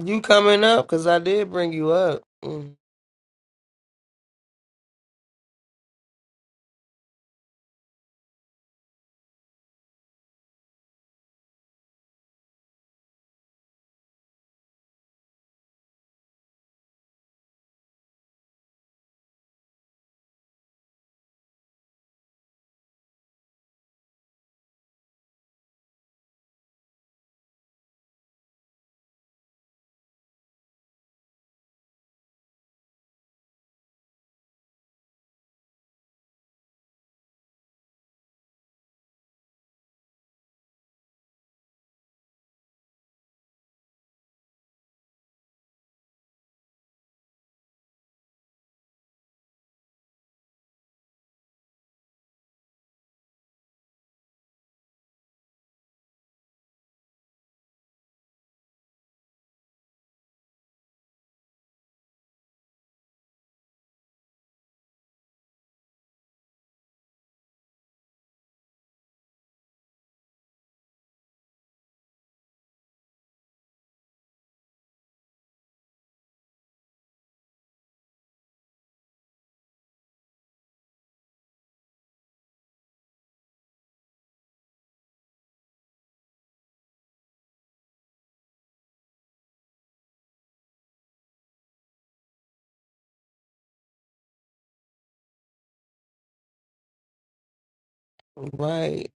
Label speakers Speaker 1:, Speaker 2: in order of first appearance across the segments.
Speaker 1: You coming up? Cause I did bring you up, Mm, right?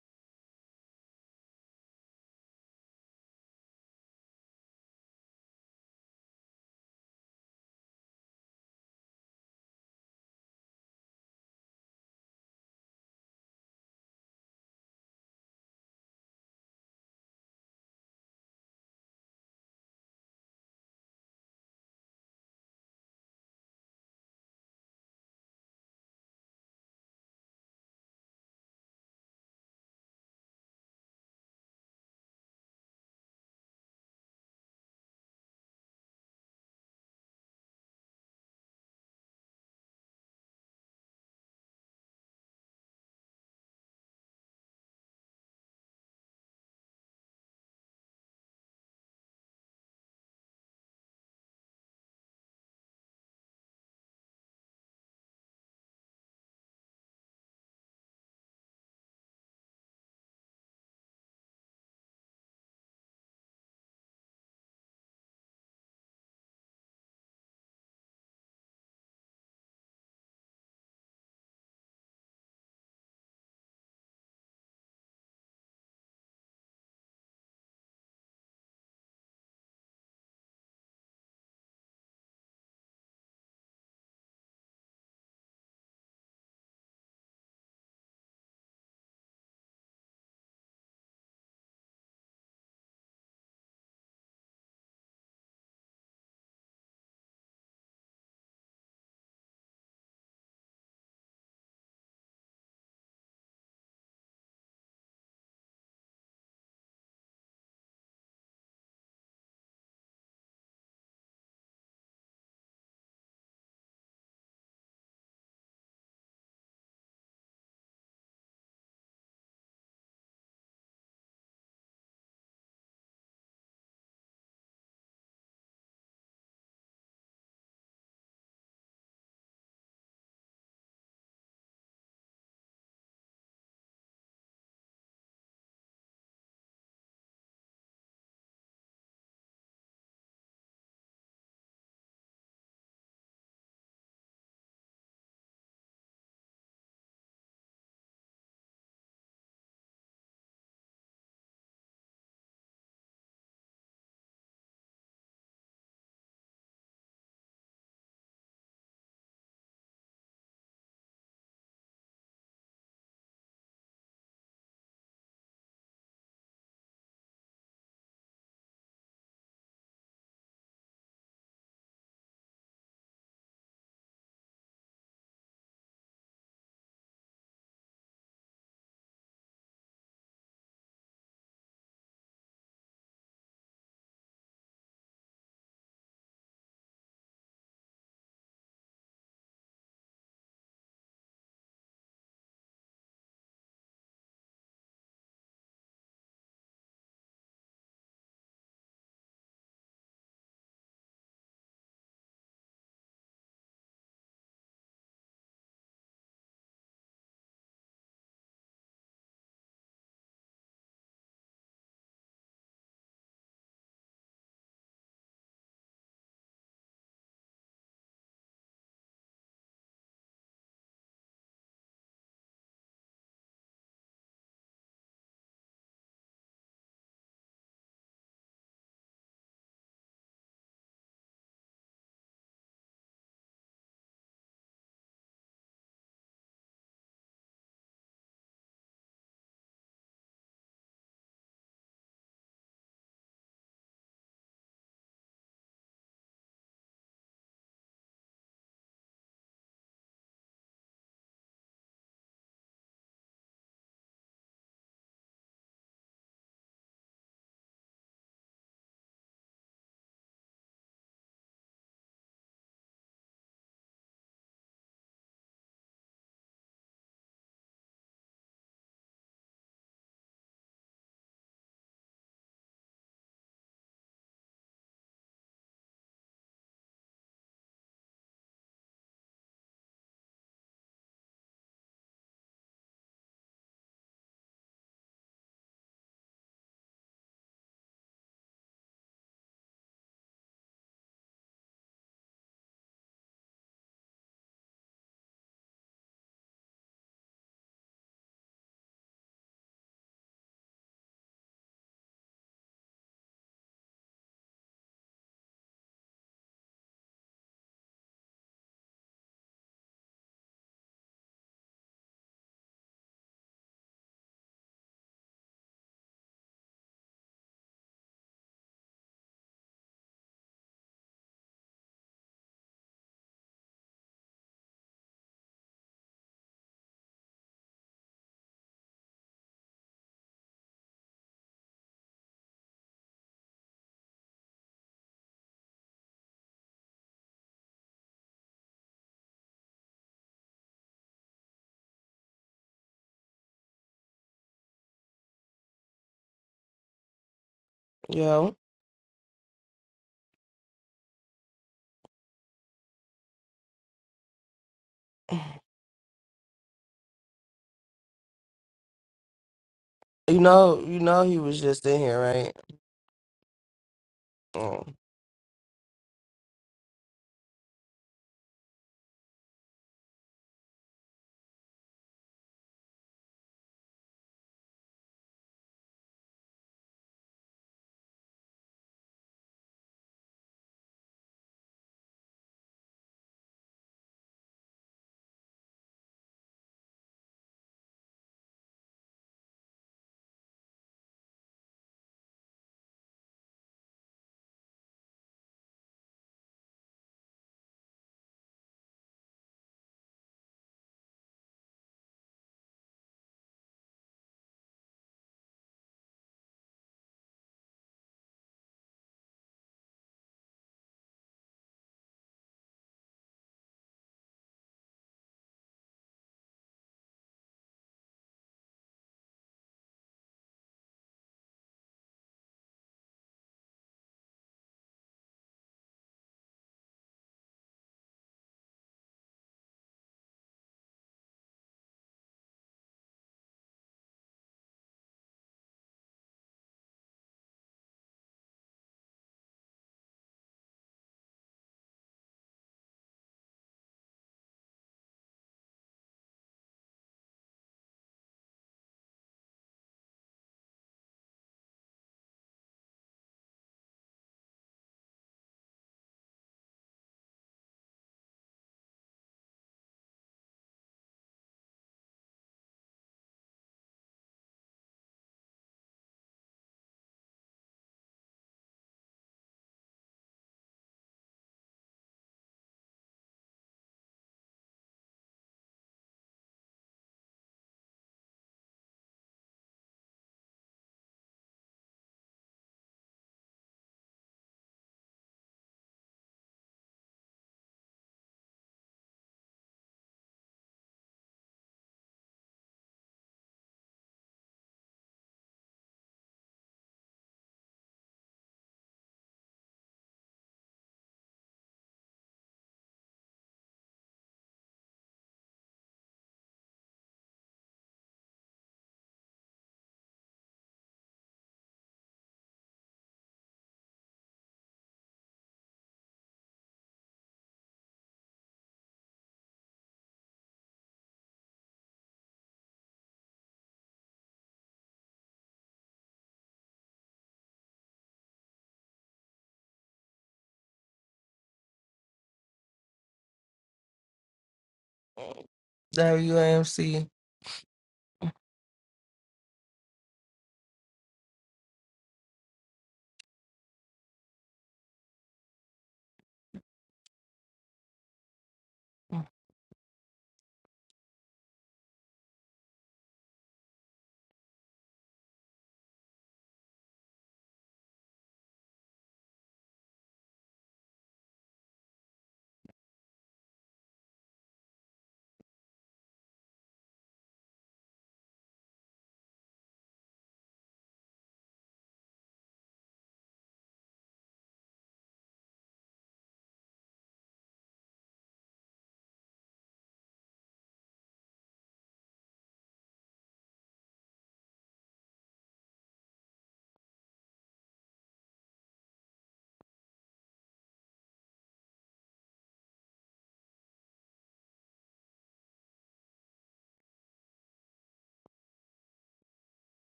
Speaker 1: Yo, you know, you know, he was just in here, right? Mm. WAMC.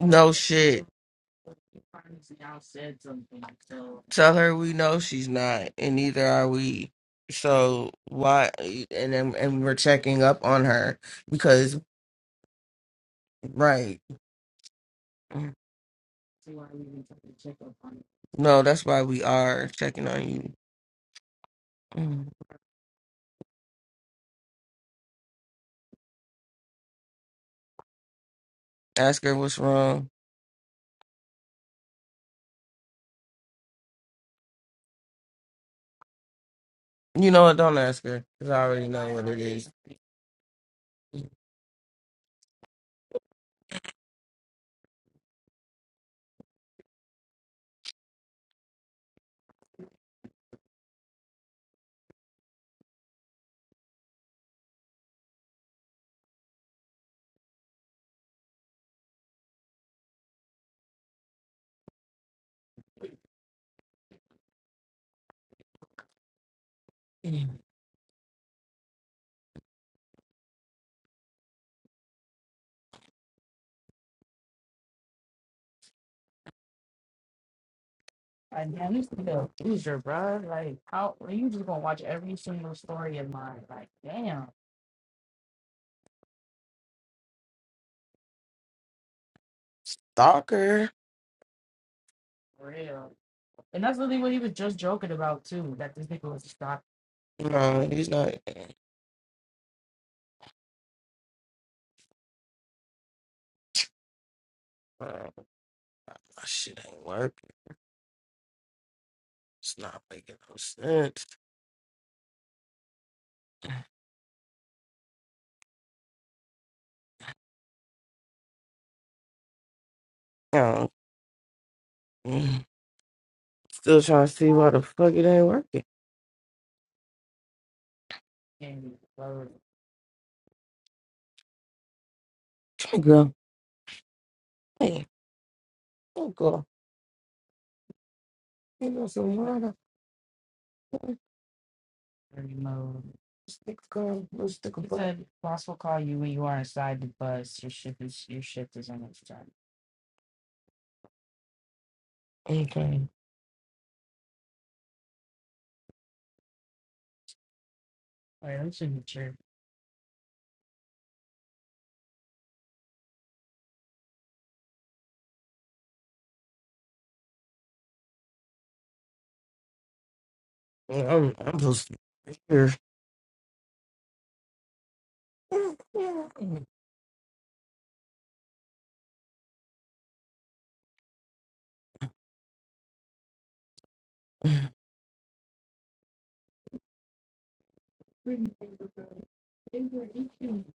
Speaker 1: No shit. Tell her we know she's not, and neither are we. So why? And then- and we're checking up on her because, right? No, that's why we are checking on you. Mm. Ask her what's wrong. You know what? Don't ask her because I already know what it is. Stalker. No, he's not. Uh, my shit ain't working. It's not making no sense. No, mm, still trying to see why the fuck it ain't working. Try to go. Hey, oh girl. You know some wine. I stick um, let's stick a He butt. said boss will call you when you are inside the bus. Your shift is your shift is almost done. Okay. Well, I'm I'm supposed to be here.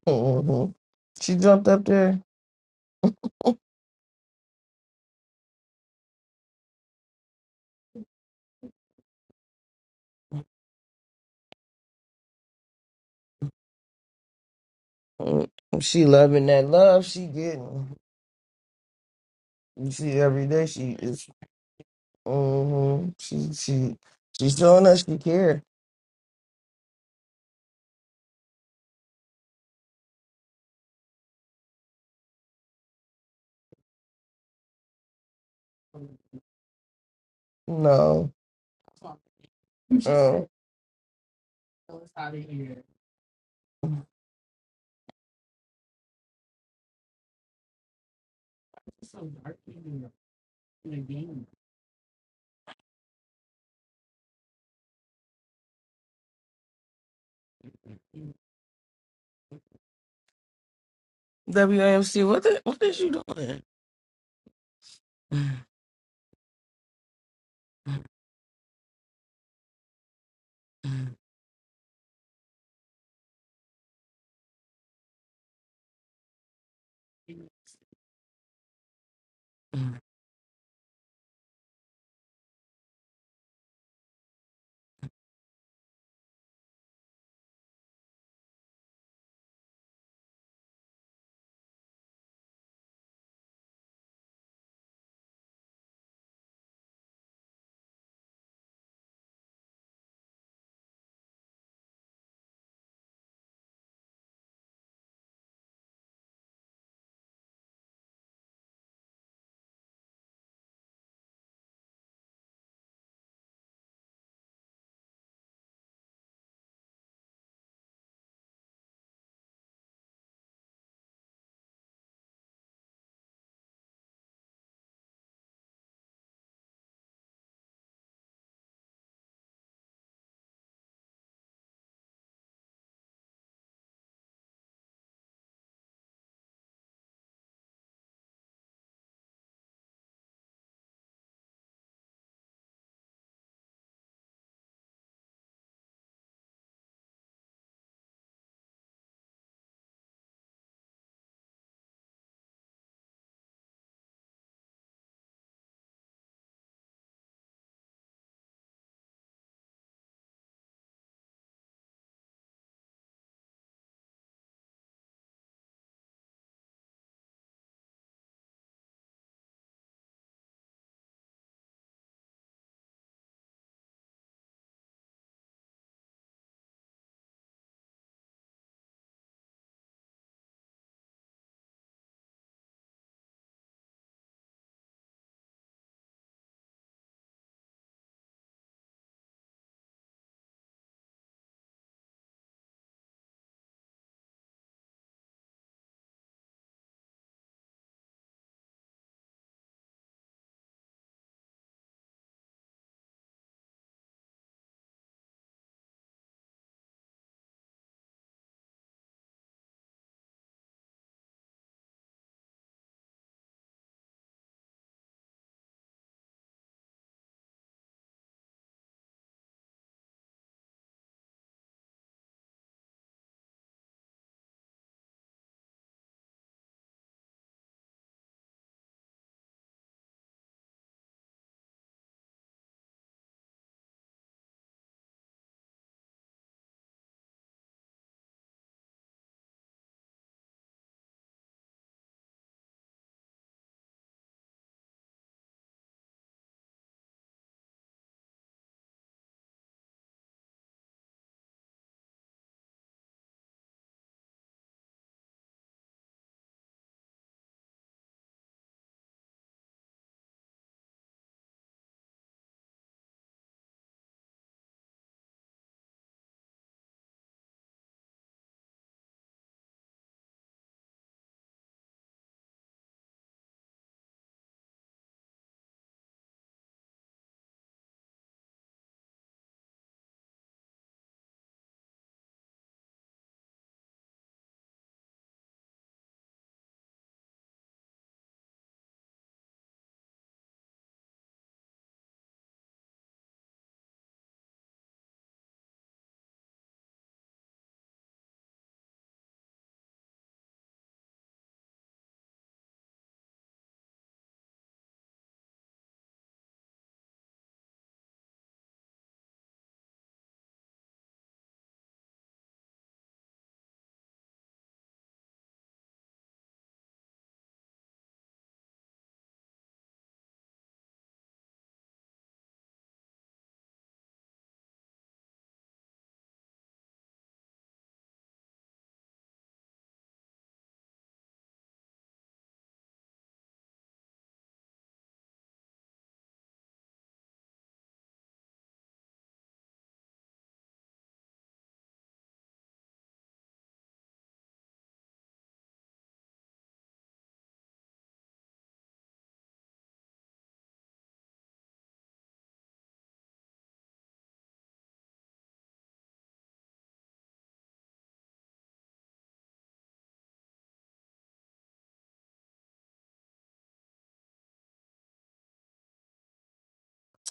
Speaker 1: Mhm. She jumped up there. Mm, She loving that love she getting. You see every day she is. Mm-hmm. She she she's showing us she care. No. Oh. WAMC, what the, what is you doing?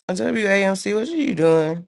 Speaker 1: WAMC, what are you doing?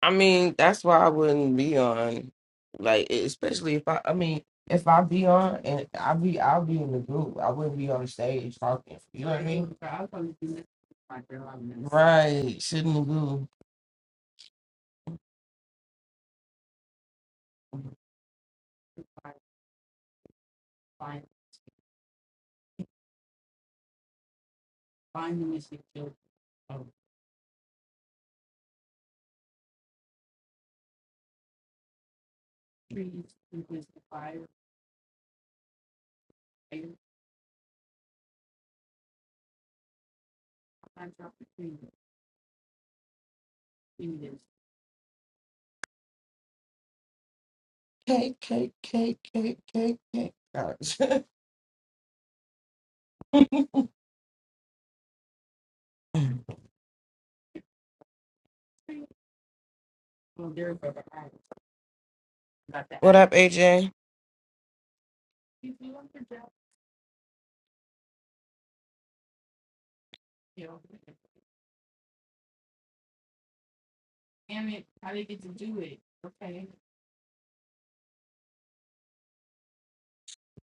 Speaker 1: I mean, that's why I wouldn't be on. Like, e, especially if I, I mean, if I be on and I be, I'll be in the group. I wouldn't be on stage talking. You know what I mean? Right, sitting in the group. Cake, cake, cake, cake, cake, cake. All right. Not that. What up, AJ?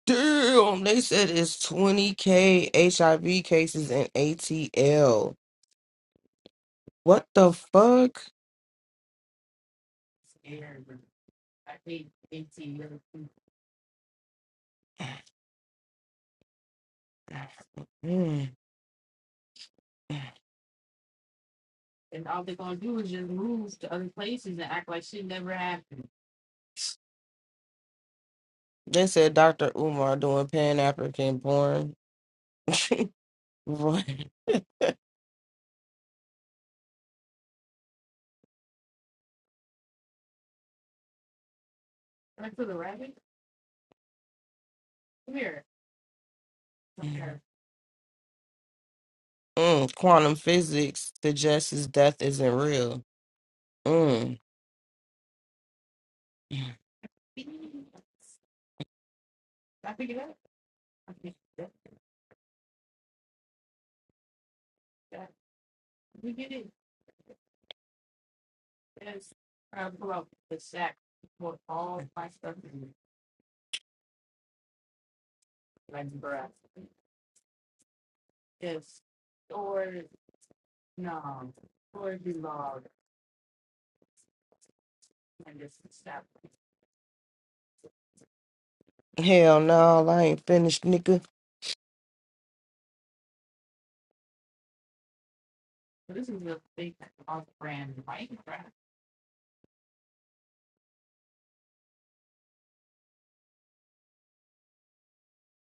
Speaker 1: Damn, they said it's 20K HIV cases in ATL. What the fuck? I think eighteen million. Mm. And all they're gonna do is just move to other places and act like shit never happened. They said Dr. Umar doing Pan African porn. What? Okay. Mm, quantum physics suggests his death isn't real. Mm. Hell no, I ain't finished, nigga.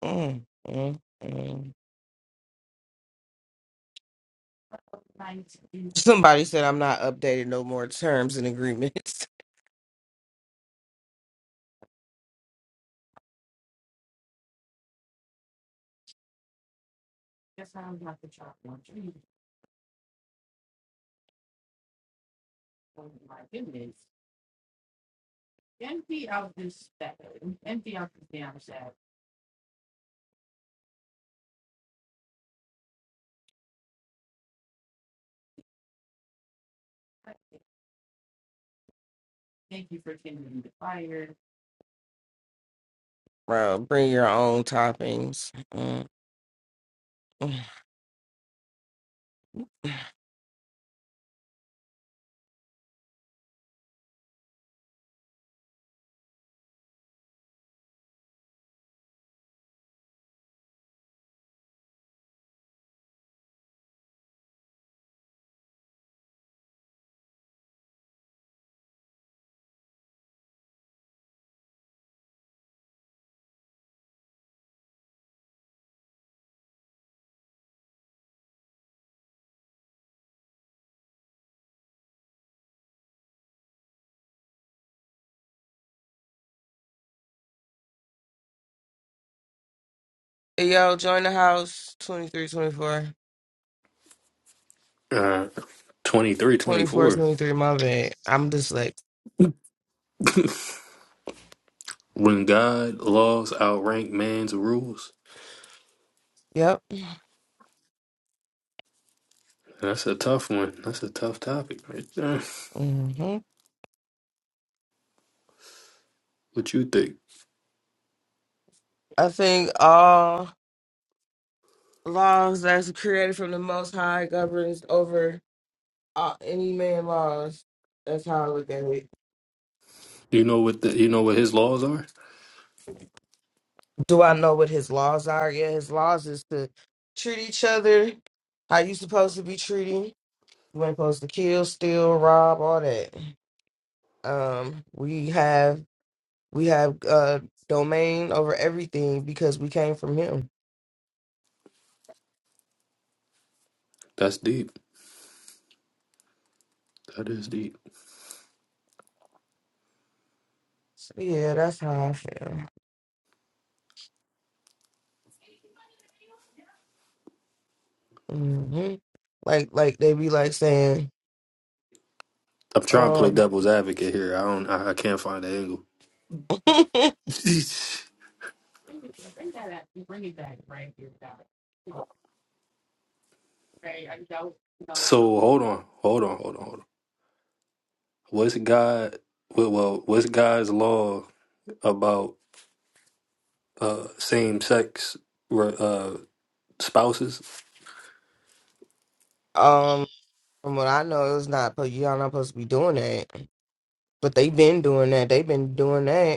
Speaker 1: Mm, mm, mm. Somebody said I'm not updated no more terms and agreements. Bro, bring your own toppings. Mm, mm. Yo, join the house 23, 24.
Speaker 2: uh 23, 24.
Speaker 1: twenty-four, twenty-three, my bad. I'm just like,
Speaker 2: when god laws outrank man's rules
Speaker 1: yep.
Speaker 2: that's a tough one that's a tough topic right there.
Speaker 1: hmm
Speaker 2: what you think
Speaker 1: I think all laws that's created from the Most High governs over uh, any man laws. That's how I look at it.
Speaker 2: you know what the, you know what his laws are
Speaker 1: Do I know what his laws are? Yeah, his laws is to treat each other how you supposed to be treated. You ain't supposed to kill, steal, rob, all that. Um, we have we have uh domain over everything because we came from him.
Speaker 2: that's deep that is deep
Speaker 1: So yeah, that's how I feel. hmm Like like they be like saying,
Speaker 2: i'm trying to play
Speaker 1: um,
Speaker 2: devil's advocate here i don't i, I can't find the angle so hold on hold on hold on hold on what's god well well, what's god's law about uh same sex uh spouses
Speaker 1: um, from what I know, it's not. But Y'all not supposed to be doing that, but they been doing that. They've been doing that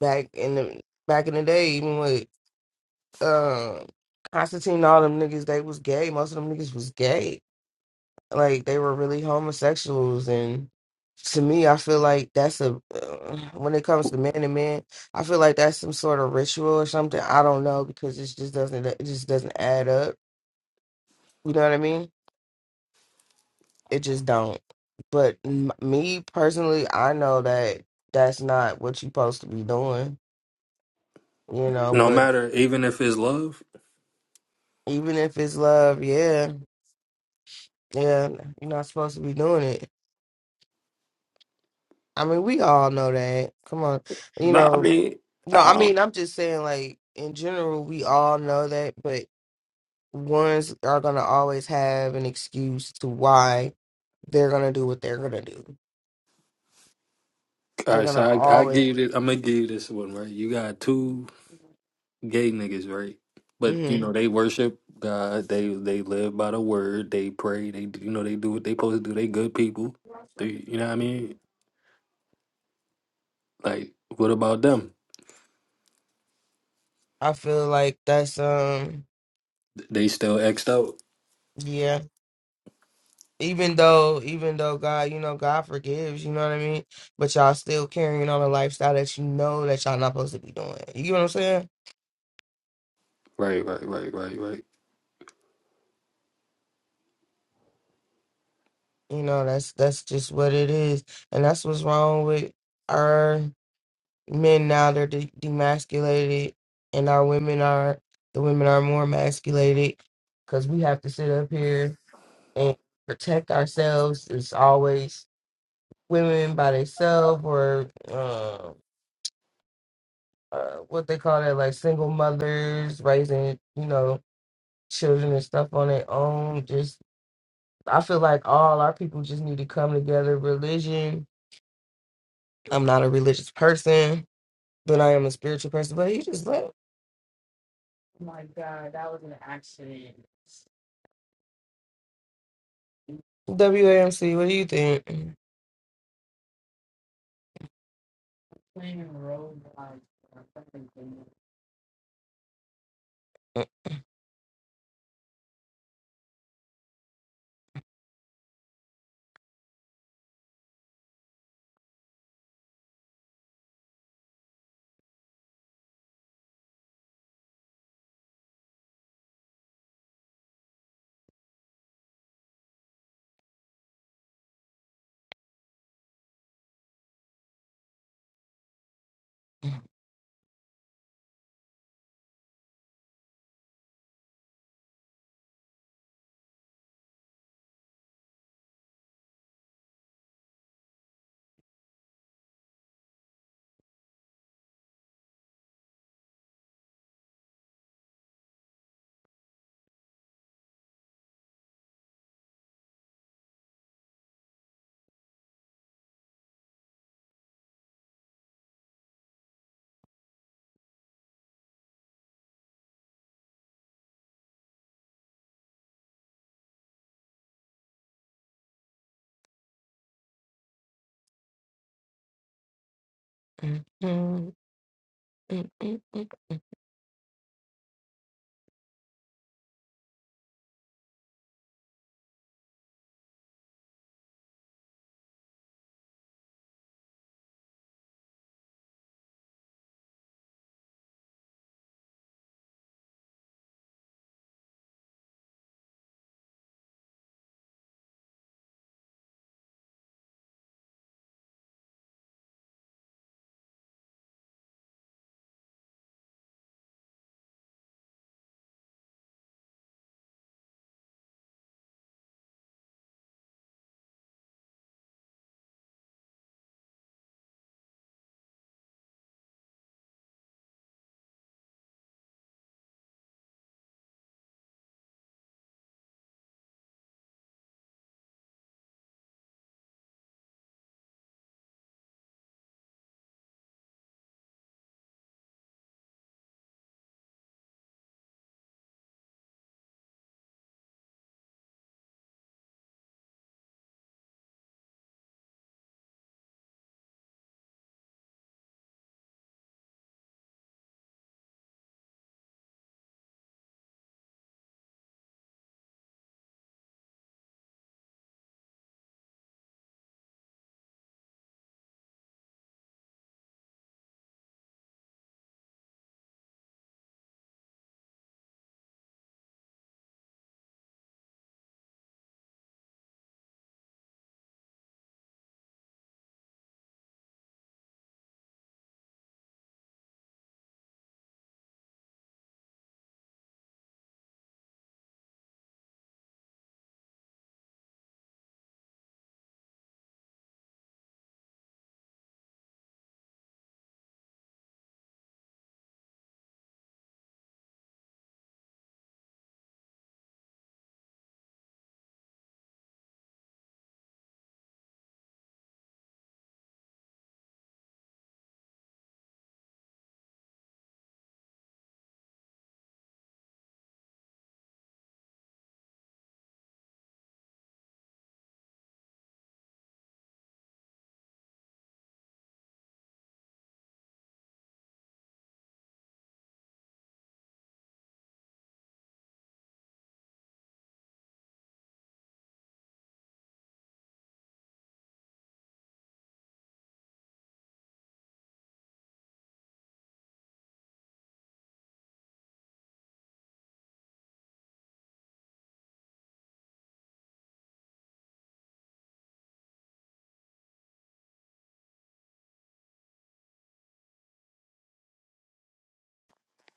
Speaker 1: back in the back in the day, even with um Constantine, and all them niggas, they was gay. Most of them niggas was gay. Like they were really homosexuals, and to me, I feel like that's a uh, when it comes to men and men, I feel like that's some sort of ritual or something. I don't know because it just doesn't it just doesn't add up. You know what I mean? It just don't. But m- me personally, I know that that's not what you're supposed to be doing. You know,
Speaker 2: no
Speaker 1: but
Speaker 2: matter even if it's love
Speaker 1: even if it's love, yeah. Yeah, you're not supposed to be doing it. I mean, we all know that. Come on. You
Speaker 2: No, I
Speaker 1: know,
Speaker 2: mean,
Speaker 1: no,
Speaker 2: I
Speaker 1: I
Speaker 2: don't,
Speaker 1: mean, I'm just saying, like, in general, we all know that, but ones are going to always have an excuse to why they're going to do what they're going to do. They're
Speaker 2: right.
Speaker 1: going
Speaker 2: So
Speaker 1: to
Speaker 2: I, I give
Speaker 1: always.
Speaker 2: you this. I'm gonna give you this one, right? You got two gay niggas, right? But you
Speaker 1: hmm
Speaker 2: know they worship God. They they live by the word. They pray. They do- you know they do what they supposed to do. They good people. They you know what I mean? Like what about them?
Speaker 1: I feel like that's, um,
Speaker 2: They still exed out.
Speaker 1: yeah. Even though, even though God, you know, God forgives, you know what I mean? But y'all still carrying on a lifestyle that you know that y'all not supposed to be doing. You get what I'm saying?
Speaker 2: Right, right, right, right, right.
Speaker 1: You know, that's that's just what it is, and that's what's wrong with our men now. They're de- demasculated, and our women are the women are more emasculated because we have to sit up here and protect ourselves. It's always women by themselves or uh, uh, what they call that, like single mothers raising you know children and stuff on their own. Just I feel like all our people just need to come together. Religion I'm not a religious person, but I am a spiritual person. But you just left WAMC. What do you think?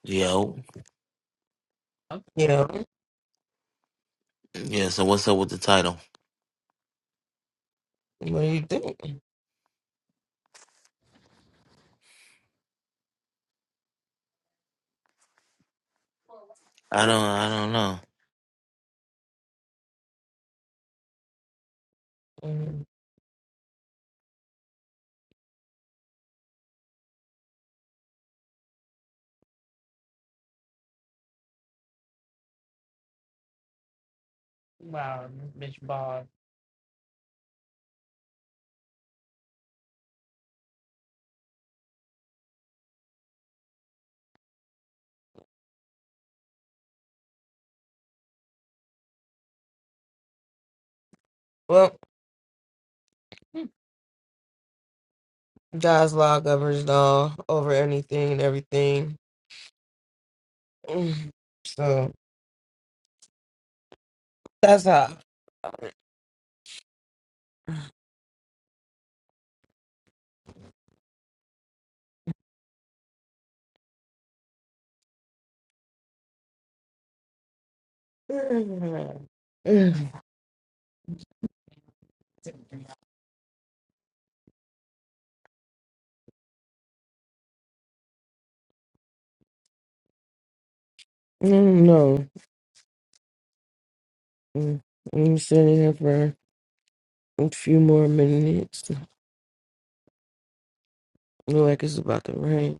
Speaker 3: Yo,
Speaker 1: Yeah,
Speaker 3: yeah. So what's up with the title?
Speaker 1: what do you think?
Speaker 3: I don't, I don't know.
Speaker 1: Well, God's law governs all over anything and everything. Mm-hmm. So that's how. Mm-hmm. No, I'm sitting here for a few more minutes. Look like it's about to rain.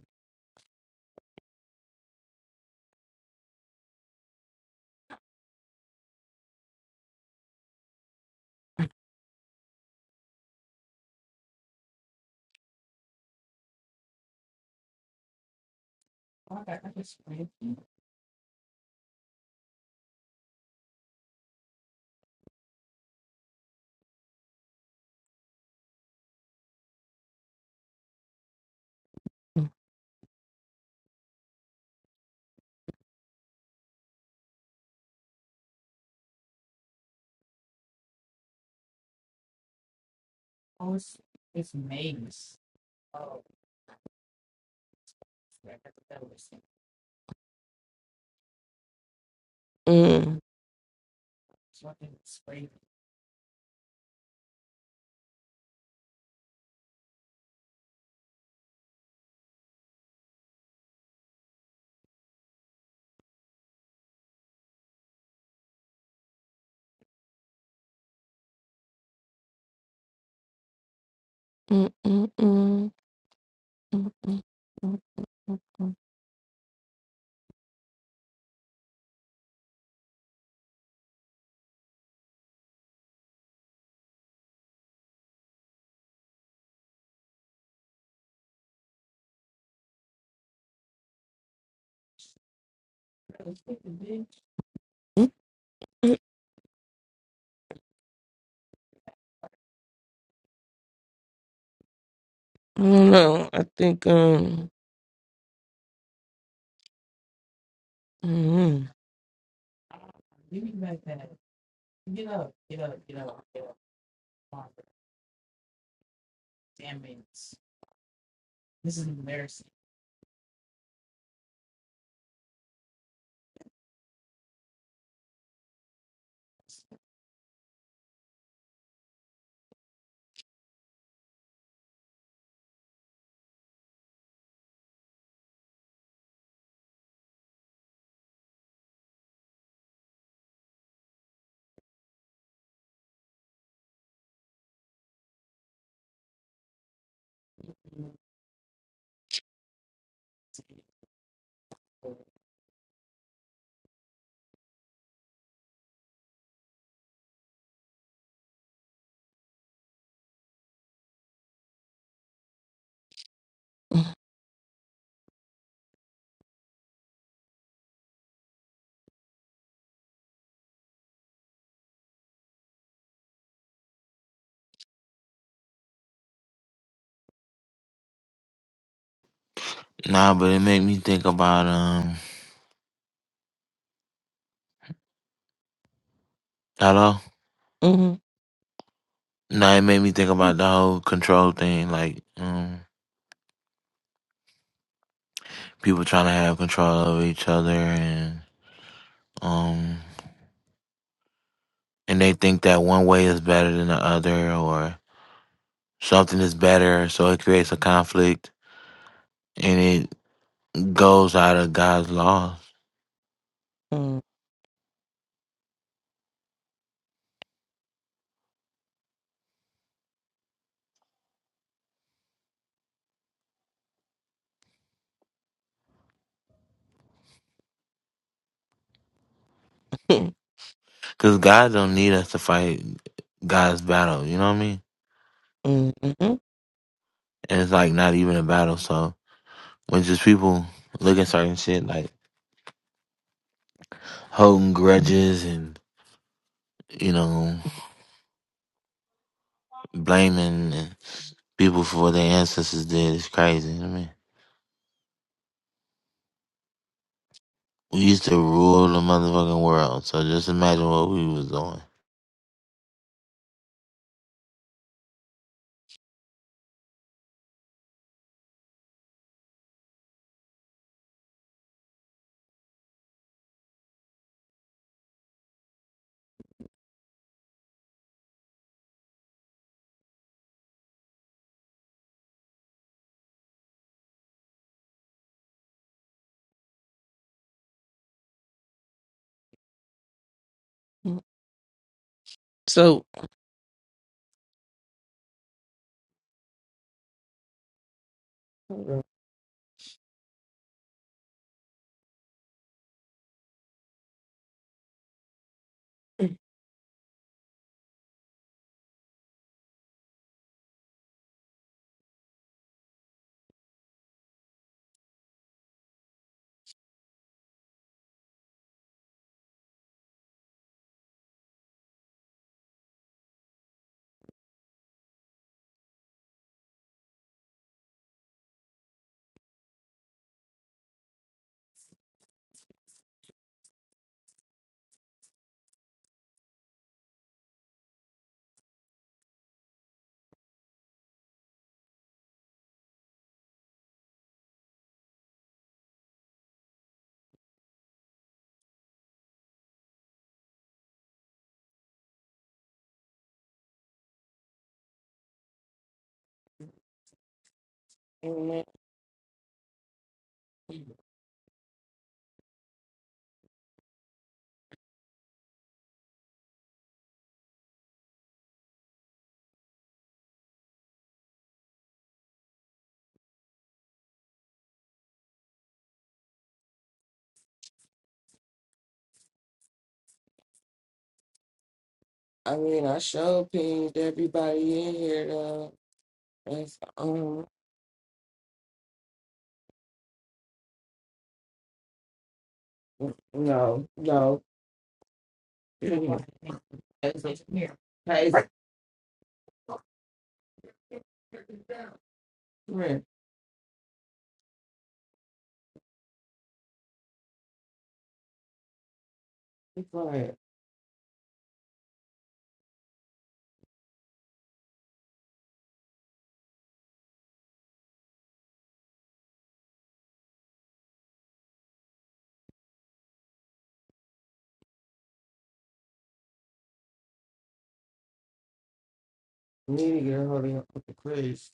Speaker 1: Mm, mm, mm, mm, mm, mm, mm, mm, mm. I don't know. I think um. mm, mm,
Speaker 3: Nah, but it made me think about um. Hello.
Speaker 1: mm,
Speaker 3: Nah, it made me think about the whole control thing, like um, people trying to have control over each other, and um, and they think that one way is better than the other, or something is better, so it creates a conflict, and it goes out of God's laws,
Speaker 1: mm, mm,
Speaker 3: because God don't need us to fight God's battle. You know what I mean?
Speaker 1: mm, mm,
Speaker 3: And it's like not even a battle, so. When just people look at certain shit like holding grudges and you know blaming people for what their ancestors did is crazy. I mean, we used to rule the motherfucking world, so just imagine what we was doing.
Speaker 1: mm. So. Amen. I mean, I sure pinged everybody in here though. It's, um, no, no. Hey, come here. Be quiet. We need to get a hold of your Uncle Chris.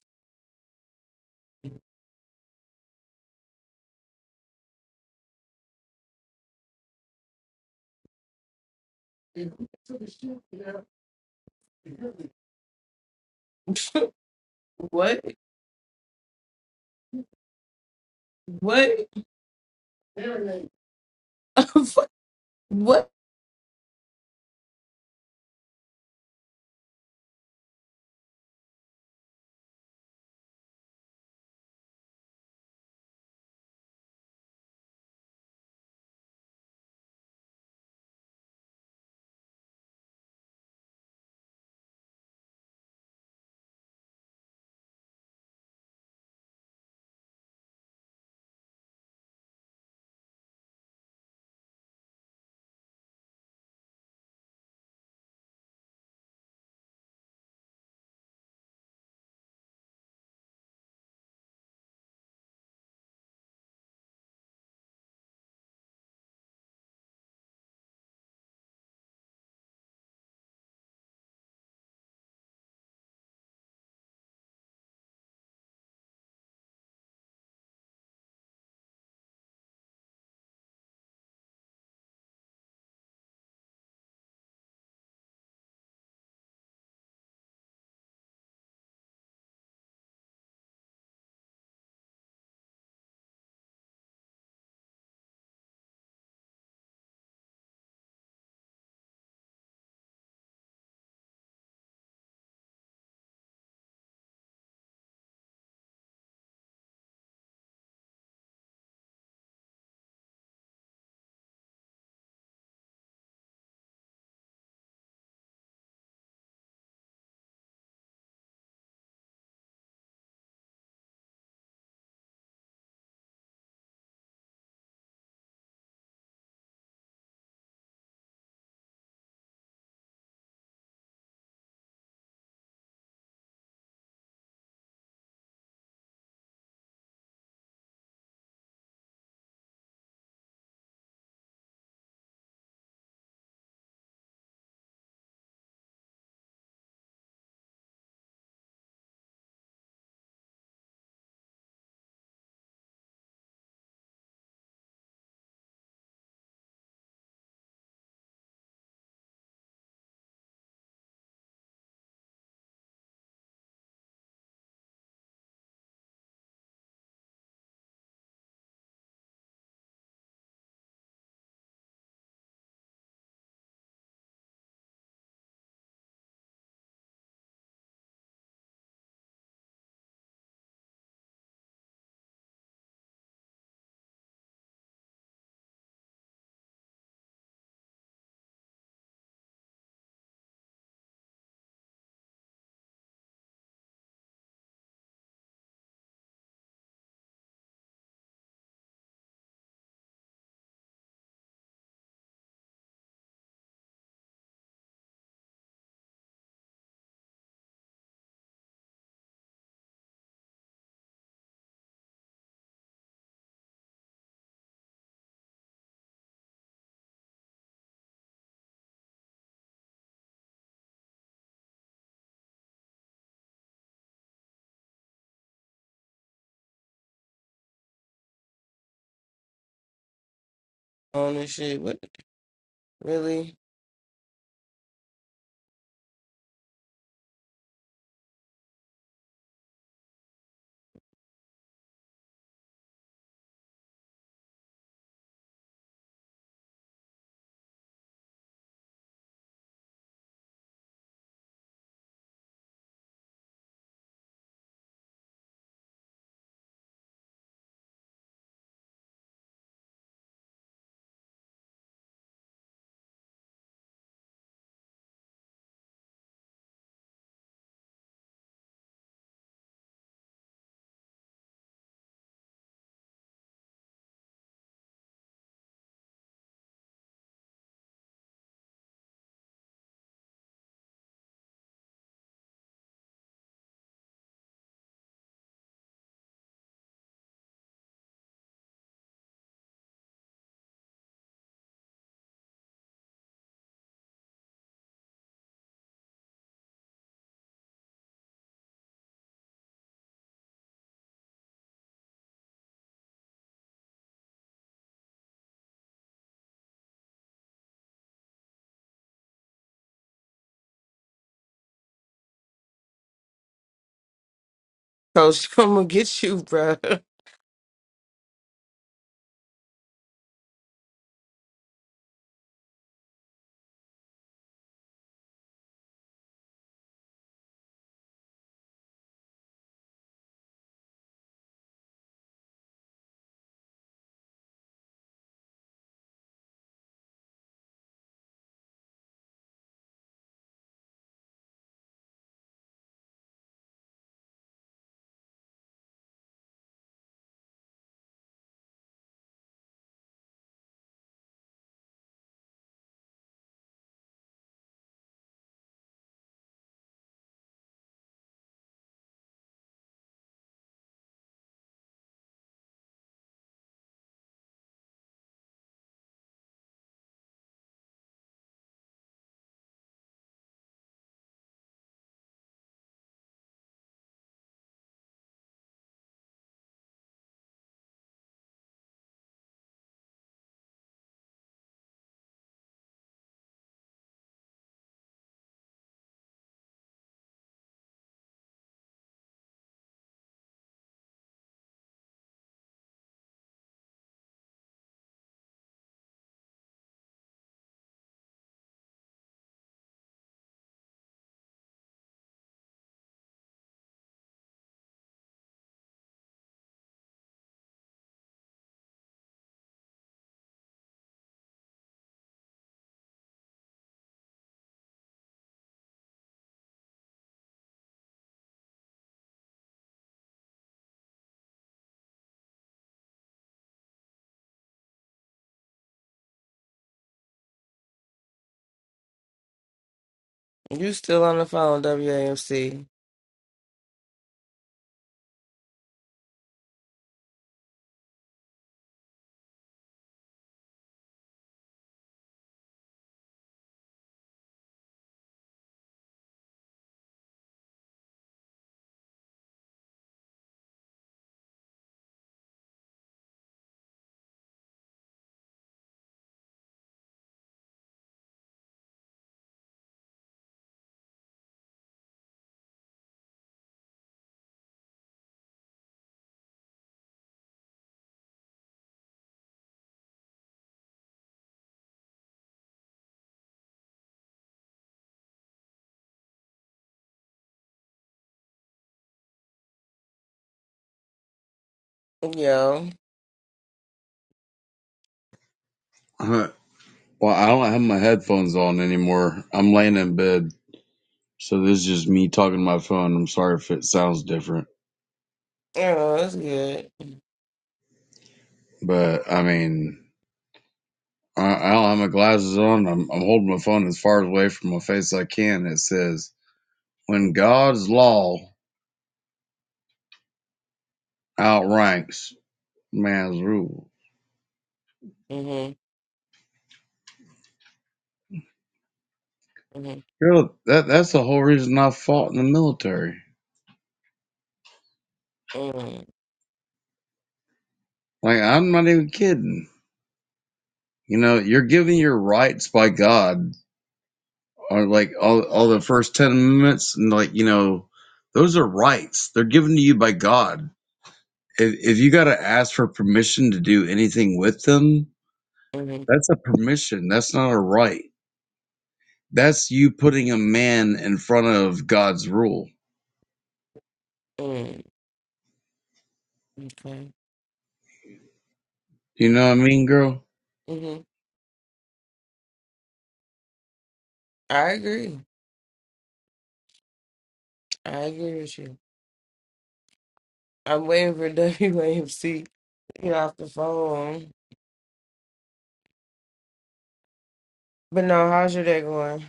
Speaker 1: What? What? what? On this shit. What? Really? Coach, I'm gonna get you, bro. You still on the phone, WAMC. Yo.
Speaker 4: Huh. Well, I don't have my headphones on anymore. I'm laying in bed, so this is just me talking to my phone. I'm sorry if it sounds different,
Speaker 1: Oh, that's good.
Speaker 4: but I mean, I, I don't have my glasses on. I'm, I'm holding my phone as far away from my face as I can. It says, "When God's law outranks man's rule."
Speaker 1: Mm-hmm. Mm-hmm.
Speaker 4: Girl, that that's the whole reason I fought in the military.
Speaker 1: Mm-hmm.
Speaker 4: Like, I'm not even kidding. You know, you're given your rights by God or like all all the first ten minutes, and like you know, those are rights. They're given to you by God. If, if you got to ask for permission to do anything with them,
Speaker 1: Mm-hmm.
Speaker 4: that's a permission. That's not a right. That's you putting a man in front of God's rule.
Speaker 1: Mm-hmm. Okay.
Speaker 4: You know what I mean, girl?
Speaker 1: Mm-hmm. I agree. I agree with you. I'm waiting for WAMC to get off the phone. But no, how's your day going?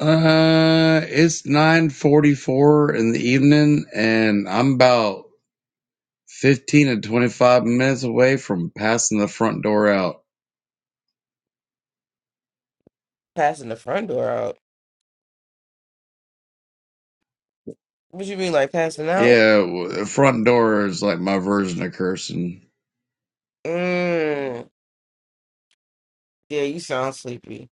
Speaker 4: Uh, it's nine forty-four in the evening, and I'm about fifteen to twenty-five minutes away from passing the front door out.
Speaker 1: Passing the front door out. What you mean, like passing out?
Speaker 4: Yeah, w- the front door is like my version of cursing.
Speaker 1: Mm. Yeah, you sound sleepy.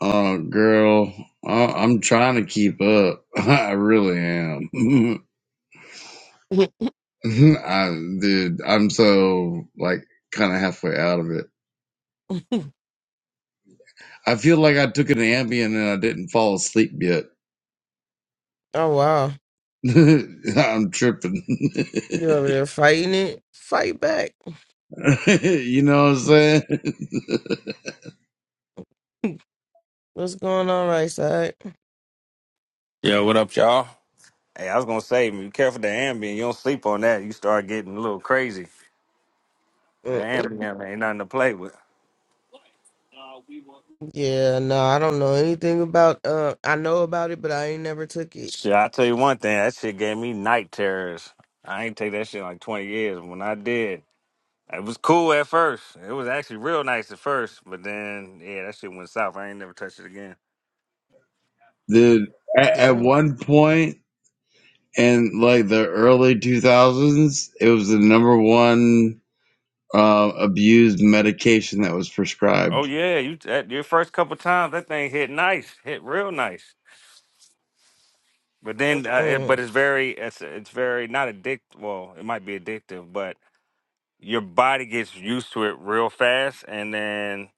Speaker 4: Oh, girl, I, I'm trying to keep up. I really am. I, dude, I'm so like kind of halfway out of it.
Speaker 1: oh
Speaker 4: I feel like I took an Ambien and I didn't fall asleep yet.
Speaker 1: wow,
Speaker 4: I'm tripping.
Speaker 1: you over there fighting it? Fight back.
Speaker 4: you know what I'm saying?
Speaker 1: What's going on, right side?
Speaker 5: Yeah, what up, y'all? Hey, I was gonna say, be careful the ambient. You don't sleep on that. You start getting a little crazy. The
Speaker 1: Mm-mm.
Speaker 5: ambient ain't nothing to play with.
Speaker 1: Yeah, no, I don't know anything about. Uh, I know about it, but I ain't never took it.
Speaker 5: Shit, I tell you one thing. That shit gave me night terrors. I ain't take that shit in like twenty years. When I did, it was cool at first. It was actually real nice at first, but then yeah, that shit went south. I ain't never touched it again.
Speaker 4: Dude, at, at
Speaker 1: Damn.
Speaker 4: one point in like the early 2000s, it was the number one. uh, abused medication that was
Speaker 5: Oh
Speaker 4: prescribed.
Speaker 5: yeah, you that, your first couple times that thing hit nice, hit real nice. But then, uh, it, but
Speaker 1: Mm.
Speaker 5: it's very, it's it's very not addictive. Well, it might be addictive, but your body gets used to it real fast and then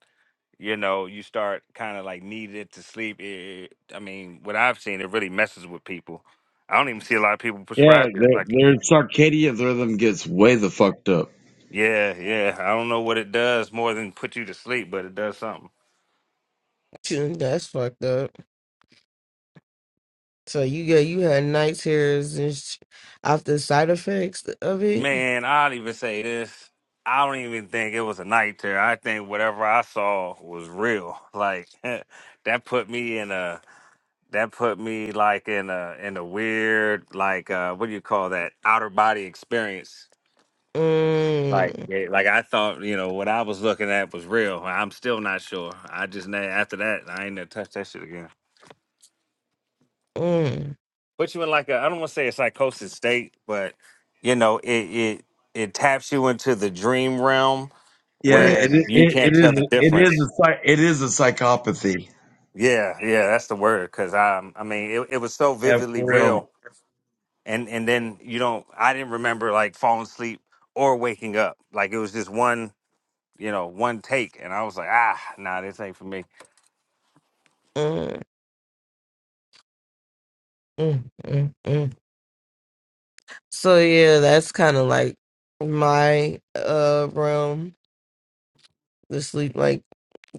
Speaker 5: you know you start kind of like needing it to sleep it, i mean what i've seen it really messes with people i don't even see a lot of people
Speaker 4: Yeah,
Speaker 5: prescribe it
Speaker 4: their,
Speaker 5: like
Speaker 4: their circadian rhythm gets way the fucked up.
Speaker 5: yeah yeah i don't know what it does more than put you to sleep but it does something
Speaker 1: That's fucked up. So you got you had night terrors and sh- after side effects of it.
Speaker 5: man i don't even say this i don't even think it was a night terror i think whatever i saw was real like that put me in a that put me like in a in a weird like uh what do you call that outer body experience like
Speaker 1: Mm,
Speaker 5: eh, like i thought you know what i was looking at was real i'm still not sure i just na- after that i ain't never touched that shit again
Speaker 1: mm,
Speaker 5: put you in like a i don't want to say a psychosis state but you know it it it taps you into the dream realm
Speaker 4: Yeah,
Speaker 1: mm.
Speaker 5: where
Speaker 4: it
Speaker 5: you
Speaker 4: it, it
Speaker 5: can't tell the
Speaker 4: is it is a
Speaker 5: difference
Speaker 4: psych, it is a psychopathy.
Speaker 5: yeah yeah that's the word because i i mean it, it was so
Speaker 4: Yeah,
Speaker 5: vividly
Speaker 4: for real.
Speaker 5: real and and then you don't i didn't remember like falling asleep or waking up like it was just one you know one take and i was like ah nah this ain't for me
Speaker 1: Mm, mm, mm, mm. So yeah, that's kind of like my uh realm, the sleep. Like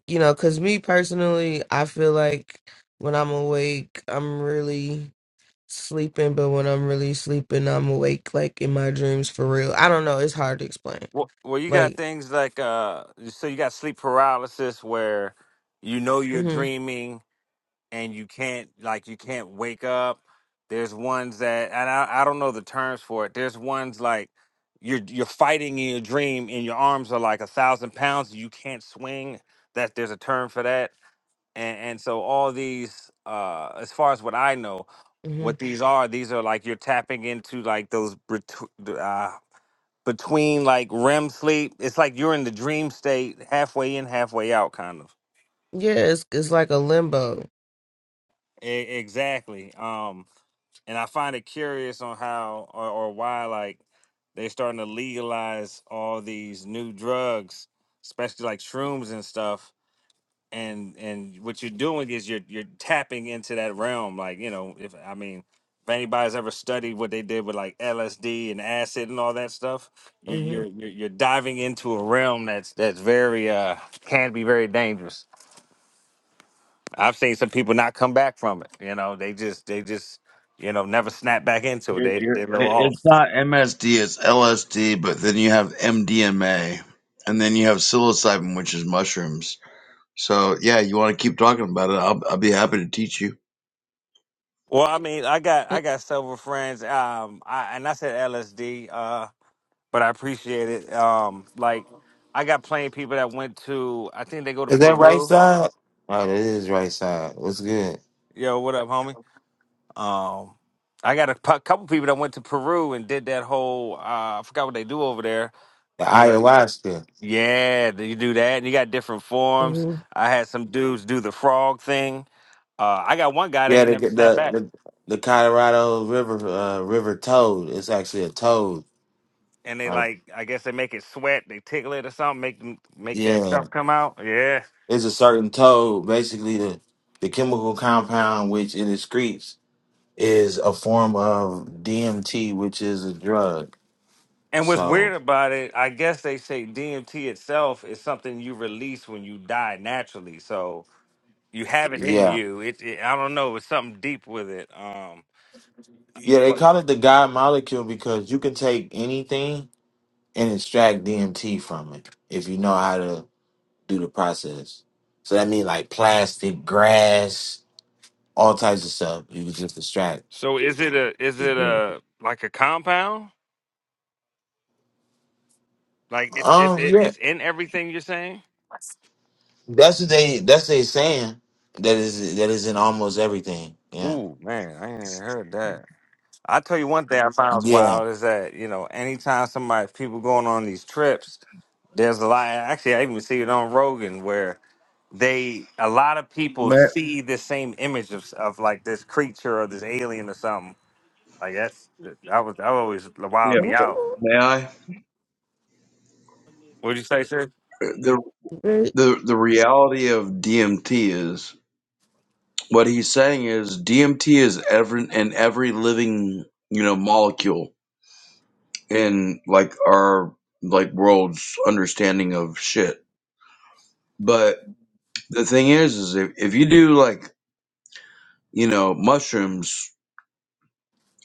Speaker 1: you know, cause me personally, I feel like when I'm awake, I'm really sleeping, but when I'm really sleeping, I'm awake, like in my dreams for real. I don't know. It's hard to explain.
Speaker 5: well, well you got
Speaker 1: Like,
Speaker 5: things like uh so you got sleep paralysis where you know you're
Speaker 1: hmm
Speaker 5: dreaming and you can't like you can't wake up there's ones that and i, I don't know the terms for it there's ones like you're you're fighting in your dream and your arms are like a thousand pounds you can't swing that there's a term for that and and so all these uh as far as what i know
Speaker 1: hmm
Speaker 5: what these are these are like you're tapping into like those betw- uh, between like rem sleep it's like you're in the dream state halfway in halfway out kind of
Speaker 1: yeah, it's it's like a limbo.
Speaker 5: E- exactly um and i find it curious on how or, or why like they're starting to legalize all these new drugs especially like shrooms and stuff and and what you're doing is you're you're tapping into that realm like you know if i mean if anybody's ever studied what they did with like lsd and acid and all that stuff you're
Speaker 1: hmm
Speaker 5: you're you're, you're diving into a realm that's that's very uh can be very dangerous i've seen some people not come back from it you know they just they just you know never snap back into it
Speaker 4: You're,
Speaker 5: they
Speaker 4: you're,
Speaker 5: they go off
Speaker 4: it's not MSD, it's LSD, but then you have MDMA, and then you have psilocybin, which is mushrooms. So yeah, you want to keep talking about it? I'll I'll be happy to teach you.
Speaker 5: well i mean i got i got several friends um i and i said lsd Uh. but I appreciate it. Um, like I got plenty of people that went to. I think they go
Speaker 3: Is
Speaker 5: to
Speaker 3: that right
Speaker 5: Peru.
Speaker 3: side? Oh, that is right side. What's good?
Speaker 5: Yo, what up, homie? Um, I got a pu- couple people that went to Peru and did that whole. Uh, I forgot what they do over there.
Speaker 3: The
Speaker 5: You know.
Speaker 3: ayahuasca.
Speaker 5: Yeah, you do that, and you got different forms.
Speaker 1: hmm
Speaker 5: I had some dudes do the frog thing. Uh, I got one guy that
Speaker 3: Yeah,
Speaker 5: ain't
Speaker 3: the
Speaker 5: never
Speaker 3: the
Speaker 5: snapped back,
Speaker 3: the, the Colorado River uh, River toad. It's actually a toad.
Speaker 5: and they
Speaker 3: Uh,
Speaker 5: like, I guess they make it sweat, they tickle it or something, make them make that
Speaker 3: yeah,
Speaker 5: stuff come out. Yeah,
Speaker 3: It's a certain toad, basically the the chemical compound which it excretes is a form of DMT, which is a drug.
Speaker 5: And what's
Speaker 3: So
Speaker 5: weird about it, I guess they say DMT itself is something you release when you die naturally. So you have it in
Speaker 3: yeah,
Speaker 5: you. It, it I don't know, it's something deep with it. Um
Speaker 3: yeah, they
Speaker 5: But-
Speaker 3: call it the God molecule because you can take anything and extract DMT from it if you know how to do the process. So that means like plastic, grass, all types of stuff. You can just extract
Speaker 5: so is it a is
Speaker 3: it.
Speaker 5: it a like a compound? Like it's it's
Speaker 3: Um,
Speaker 5: it,
Speaker 3: yeah,
Speaker 5: it's in everything you're saying?
Speaker 3: that's what they that's what they saying. That is that is in almost everything. Yeah.
Speaker 5: Ooh, man, I ain't even heard that. I tell you one thing I found was
Speaker 3: Yeah,
Speaker 5: wild is that you know anytime somebody people going on these trips, there's a lot. Actually, I even see it on Rogan where they a lot of people
Speaker 4: May,
Speaker 5: see the same image of, of like this creature or this alien or something. Like that's I was that always
Speaker 4: yeah,
Speaker 5: wilded me out.
Speaker 4: may I?
Speaker 5: What'd you say, sir?
Speaker 4: The the the reality of DMT is What he's saying is DMT is every in every living, you know, molecule in like our like world's understanding of shit. But the thing is is if, if you do like, you know, mushrooms,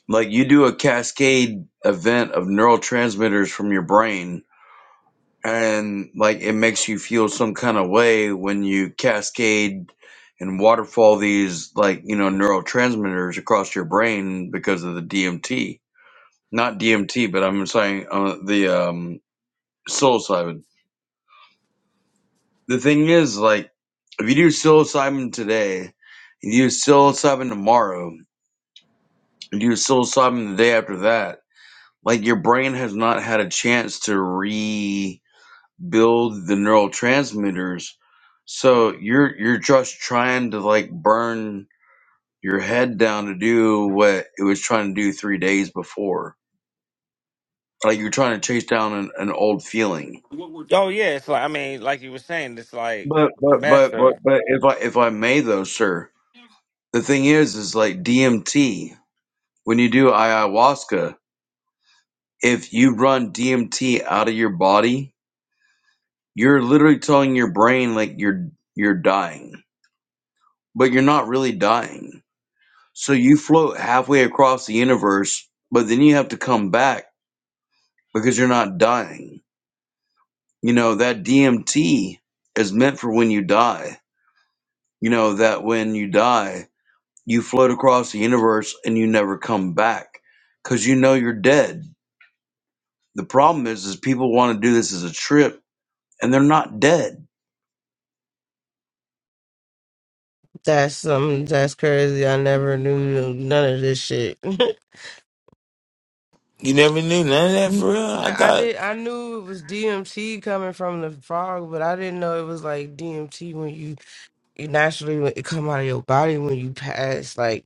Speaker 4: like you do a cascade event of neurotransmitters from your brain and like it makes you feel some kind of way when you cascade and waterfall these like, you know, neurotransmitters across your brain because of the DMT not DMT, but I'm saying uh, the um, psilocybin. The thing is, like, if you do psilocybin today, you do psilocybin tomorrow, you do psilocybin the day after that, like your brain has not had a chance to rebuild the neurotransmitters. So you're you're just trying to like burn your head down to do what it was trying to do three days before. Like you're trying to chase down an, an old feeling
Speaker 5: Oh yeah, it's like I mean, like you were saying, it's like
Speaker 4: But but
Speaker 5: meth
Speaker 4: but but
Speaker 5: or
Speaker 4: but if I if I may though, sir, the thing is is like DMT, when you do ayahuasca, if you run DMT out of your body, you're literally telling your brain like you're you're dying. But you're not really dying. So you float halfway across the universe, but then you have to come back because you're not dying. You know, that DMT is meant for when you die. You know, that when you die You float across the universe and you never come back because you know you're dead. The problem is, is people want to do this as a trip and they're not dead.
Speaker 1: That's um, that's crazy. I never knew none of this shit. I
Speaker 3: you never knew none of that for real. I thought,
Speaker 1: did. I knew it was DMT coming from the frog, but I didn't know it was like DMT when you, you naturally when it come out of your body when you pass. Like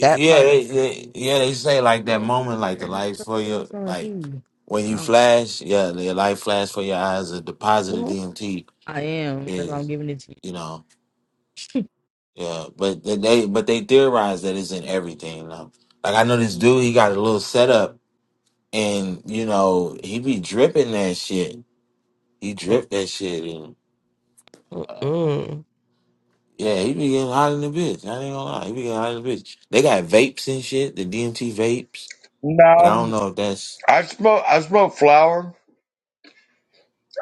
Speaker 1: that part.
Speaker 3: they, they yeah they say like that
Speaker 1: No,
Speaker 3: moment, like the
Speaker 1: no,
Speaker 3: light for
Speaker 1: you know,
Speaker 3: your
Speaker 1: selling
Speaker 3: like
Speaker 1: pee.
Speaker 3: when
Speaker 1: I
Speaker 3: you
Speaker 1: don't-
Speaker 3: flash, yeah, the light flash for your eyes, a deposit of
Speaker 1: Well,
Speaker 3: DMT
Speaker 1: I am.
Speaker 3: is you know yeah, but they they- but they theorize that it's in everything. Though. Like I know this dude, he got a little setup, and you know he be dripping that shit. He drip that shit, and.
Speaker 1: Mm-mm.
Speaker 3: Yeah, he be getting hot in the bitch. I ain't gonna lie. He be getting hot in the bitch. They got vapes and shit, the DMT vapes. But I
Speaker 4: No,
Speaker 3: don't know if that's
Speaker 4: I smoke. I smoke flour.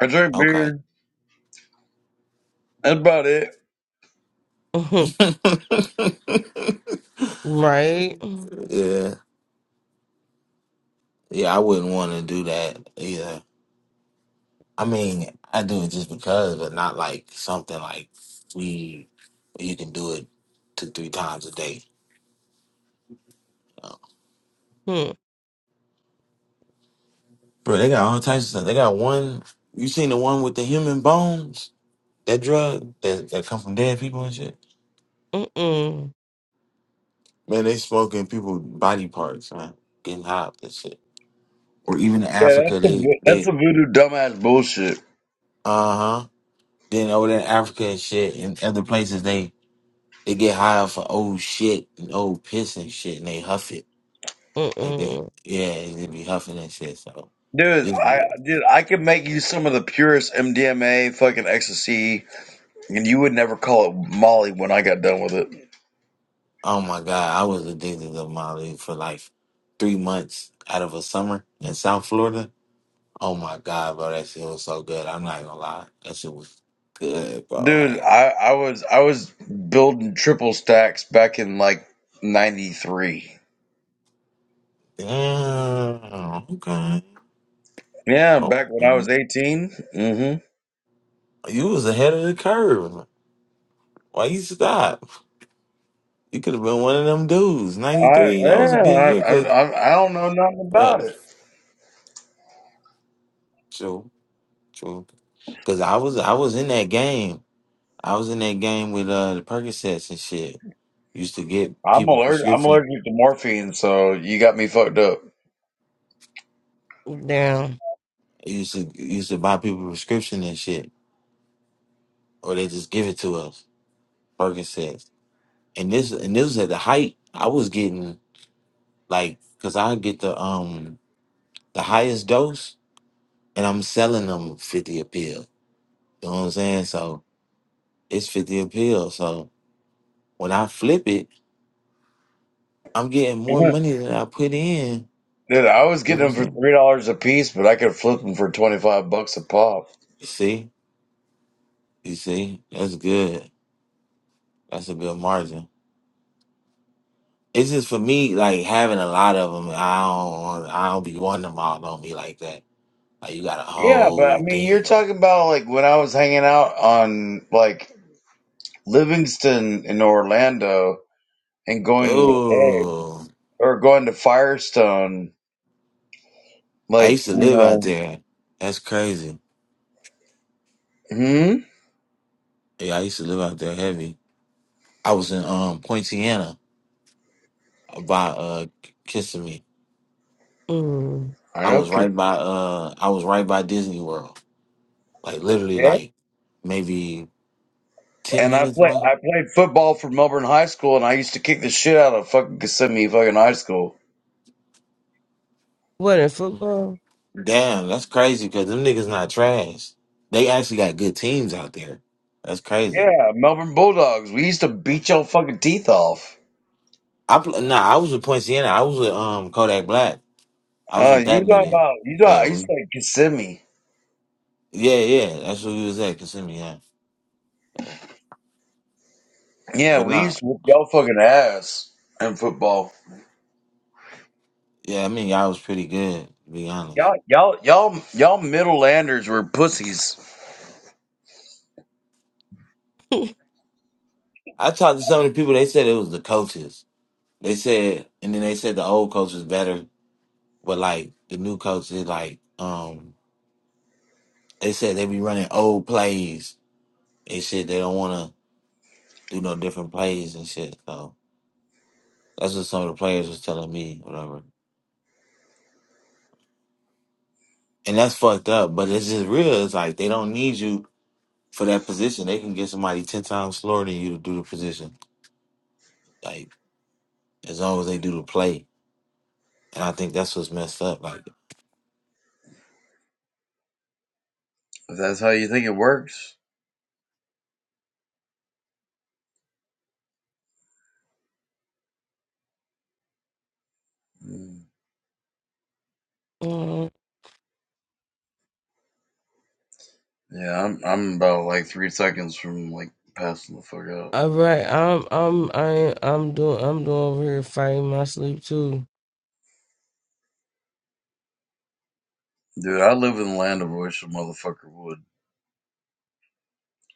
Speaker 4: I drink
Speaker 3: okay.
Speaker 4: beer. That's about it.
Speaker 1: Mm-mm. right? Mm,
Speaker 3: yeah. Yeah, I wouldn't want to do that either. I mean, I do it just because, but not like something like we you can do it two, three times a day.
Speaker 1: mm,
Speaker 3: Bro, they got all types of stuff. They got one you seen the one with the human bones? That drug that, that come from dead people and shit?
Speaker 1: Mm-mm.
Speaker 3: Man, they smoking people body parts, man. Getting high up and shit. Or even in
Speaker 4: Yeah,
Speaker 3: Africa,
Speaker 4: that's a
Speaker 3: they
Speaker 4: that's
Speaker 3: they
Speaker 4: a voodoo dumbass bullshit,
Speaker 3: uh huh. Then over there in Africa and shit and other places they they get high off of old shit and old piss and shit and they huff it. Like they
Speaker 1: Mm-mm.
Speaker 3: yeah, they be huffing and shit. So
Speaker 4: dude.
Speaker 3: this
Speaker 4: I dude, I could make you some of the purest MDMA, fucking ecstasy, and you would never call it Molly when I got done with it.
Speaker 3: oh my god, I was addicted to Molly for like three months out of a summer in South Florida. Oh my god, bro, that shit was so good. I'm not gonna lie. That shit was good, bro.
Speaker 4: Dude,
Speaker 3: Like
Speaker 4: I, I was I was building triple stacks back in like '93.
Speaker 3: Yeah. Okay.
Speaker 4: Yeah, back when I
Speaker 3: Okay.
Speaker 4: was 18. Mm-hmm.
Speaker 3: You was ahead of the curve. Why you stop? You could have been one of them dudes. Ninety
Speaker 4: I
Speaker 3: three. That was a good
Speaker 4: yeah, I,
Speaker 3: year. Cause
Speaker 4: I I don't know nothing about
Speaker 3: uh,
Speaker 4: it.
Speaker 3: true, true. Cause I was I was in that game. I was in that game with uh the Percocets and shit. Used to get
Speaker 4: I'm
Speaker 3: people
Speaker 4: allergic. I'm
Speaker 3: prescription.
Speaker 4: allergic to morphine, so you got me fucked up.
Speaker 1: Damn.
Speaker 3: Used to used to buy people prescription and shit, or they just give it to us. Percocets. And this and this was at the height. I was getting like, cause I get the um. the highest dose, and I'm selling them 50 a pill. You know what I'm saying? So it's 50 a pill. So when I flip it, I'm getting more
Speaker 4: Mhm.
Speaker 3: money than I put in.
Speaker 4: Dude, I was
Speaker 3: You know what
Speaker 4: getting
Speaker 3: I'm
Speaker 4: them for
Speaker 3: saying?
Speaker 4: three dollars a piece, but I could flip them for twenty five bucks a pop.
Speaker 3: See? You see? That's good. That's a good margin. It's just for me, like having a lot of them, I don't want- I don't be wanting them all on me like that. Like you got a
Speaker 4: Yeah, but I
Speaker 3: whole
Speaker 4: mean, you're
Speaker 3: thing on.
Speaker 4: talking about like when I was hanging out on like Livingston in Orlando and going to the
Speaker 3: Oh,
Speaker 4: or going to Firestone,
Speaker 3: I
Speaker 4: like
Speaker 3: used to
Speaker 4: you
Speaker 3: live out
Speaker 4: know.
Speaker 3: there. That's crazy.
Speaker 4: Hmm.
Speaker 3: Yeah, I used to live out there heavy. I was in um Poinciana by uh kissing me.
Speaker 1: Mm.
Speaker 4: I
Speaker 3: I
Speaker 4: know.
Speaker 3: was
Speaker 4: 'cause-
Speaker 3: right by uh I was right by Disney World. Like literally
Speaker 4: Yeah.
Speaker 3: like maybe ten
Speaker 4: And I
Speaker 3: minutes
Speaker 4: play.
Speaker 3: away.
Speaker 4: I played football for Melbourne High School, and I used to kick the shit out of fucking Kissimmee fucking high school.
Speaker 1: What in football?
Speaker 3: Damn, that's crazy because them niggas not trash. They actually got good teams out there. That's crazy.
Speaker 4: Yeah, Melbourne Bulldogs. We used to beat your fucking teeth off.
Speaker 3: I pl- nah, I was with Point I was with um Kodak Black. I was
Speaker 4: Uh,
Speaker 3: with that
Speaker 4: you talking
Speaker 3: nigga.
Speaker 4: about? You talking?
Speaker 3: Yeah,
Speaker 4: I used
Speaker 3: we,
Speaker 4: to like Kissimmee.
Speaker 3: yeah, yeah. That's where we was at, Kissimmee, yeah.
Speaker 4: Yeah,
Speaker 3: But
Speaker 4: we
Speaker 3: nah,
Speaker 4: used to whip y'all fucking ass in football.
Speaker 3: yeah, I mean y'all was pretty good, to be honest.
Speaker 4: Y'all, y'all, y'all, y'all middlelanders were pussies.
Speaker 3: I talked to some of the people, they said it was the coaches. They said, and then they said the old coach was better, but like the new coach is like, um, they said they be running old plays and shit. They don't want to do no different plays and shit. So that's what some of the players was telling me, whatever. And that's fucked up, but it's just real. It's like they don't need you for that position. They can get somebody ten times slower than you to do the position. Like as long as they do the play, and I think that's what's messed up. Like,
Speaker 4: If that's how you think it works. Hmm.
Speaker 1: Mm.
Speaker 4: Yeah, I'm I'm about like three seconds from like passing the fuck out.
Speaker 1: All right, I'm I'm I I'm doing I'm doing over here fighting my sleep too.
Speaker 4: Dude, I live in the land of which a motherfucker would.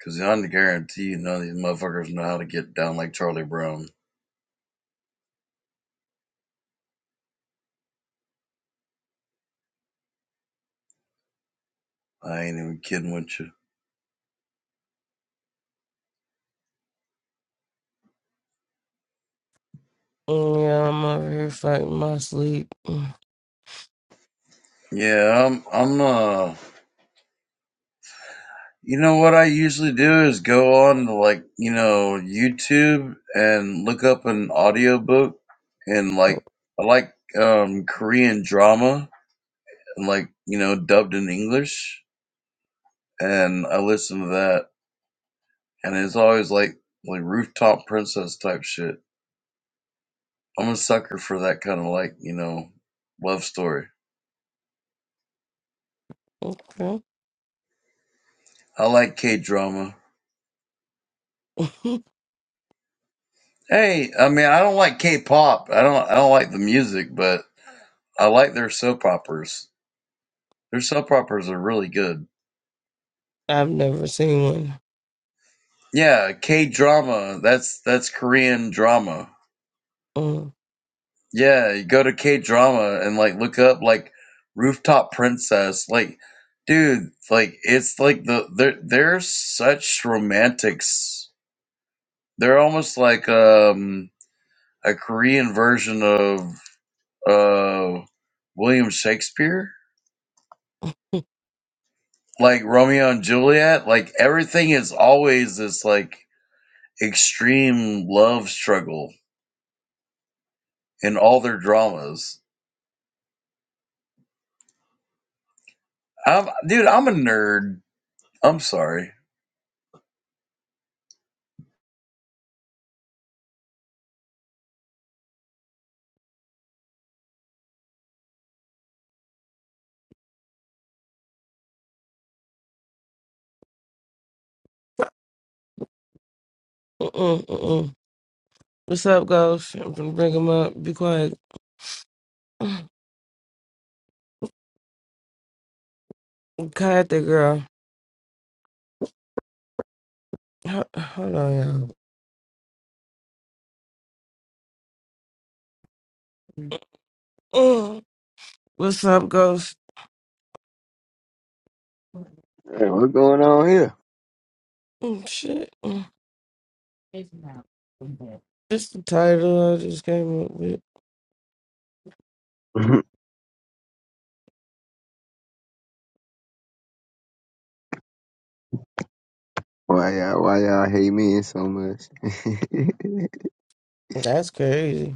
Speaker 4: Cause I guarantee you none of these motherfuckers know how to get down like Charlie Brown. I ain't even kidding with you.
Speaker 1: Mm, Yeah, I'm over here fighting my sleep. Mm,
Speaker 4: Yeah, I'm I'm uh you know what I usually do is go on to like, you know, YouTube and look up an audiobook and like I like um Korean drama and like, you know, dubbed in English and I listen to that and it's always like like rooftop princess type shit. I'm a sucker for that kind of like you know love story.
Speaker 1: Okay.
Speaker 4: I like K drama. Hey, I mean I don't like K pop. I don't I don't like the music, but I like their soap operas. Their soap operas are really good.
Speaker 1: I've never seen
Speaker 4: Yeah, K drama. That's that's Korean drama.
Speaker 1: one.
Speaker 4: Yeah, you go to K drama and like look up like rooftop princess. Like, dude, like it's like the they're they're such romantics They're almost like um, a Korean version of uh, William Shakespeare, like Romeo and Juliet. Like everything is always this like extreme love struggle in all their dramas. I'm, dude, I'm a nerd. I'm sorry.
Speaker 1: Mm, Mm-mm. What's up, Ghost? I'm gonna bring him up. Be quiet. Quiet that girl. Ho- Hold on, y'all. What's up, Ghost?
Speaker 6: Hey, what's going on here?
Speaker 1: Mm, Shit. Mm. Just the title I just came up with.
Speaker 6: why y'all why y'all hate men so much?
Speaker 1: That's crazy.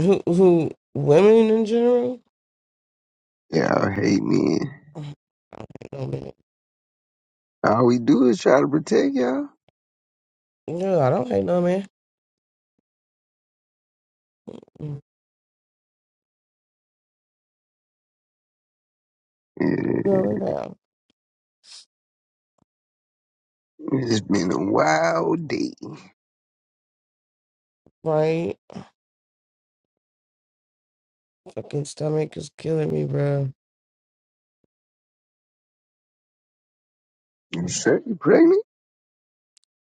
Speaker 1: Who, who, women in general?
Speaker 6: y'all hate men.
Speaker 1: Mm, No, man.
Speaker 6: All we do is try to protect y'all.
Speaker 1: No, I don't hate no man. Mm.
Speaker 6: Yeah.
Speaker 1: Girl, look out.
Speaker 6: It's been a wild day.
Speaker 1: My fucking stomach is killing me, bro.
Speaker 6: You sure you pregnant?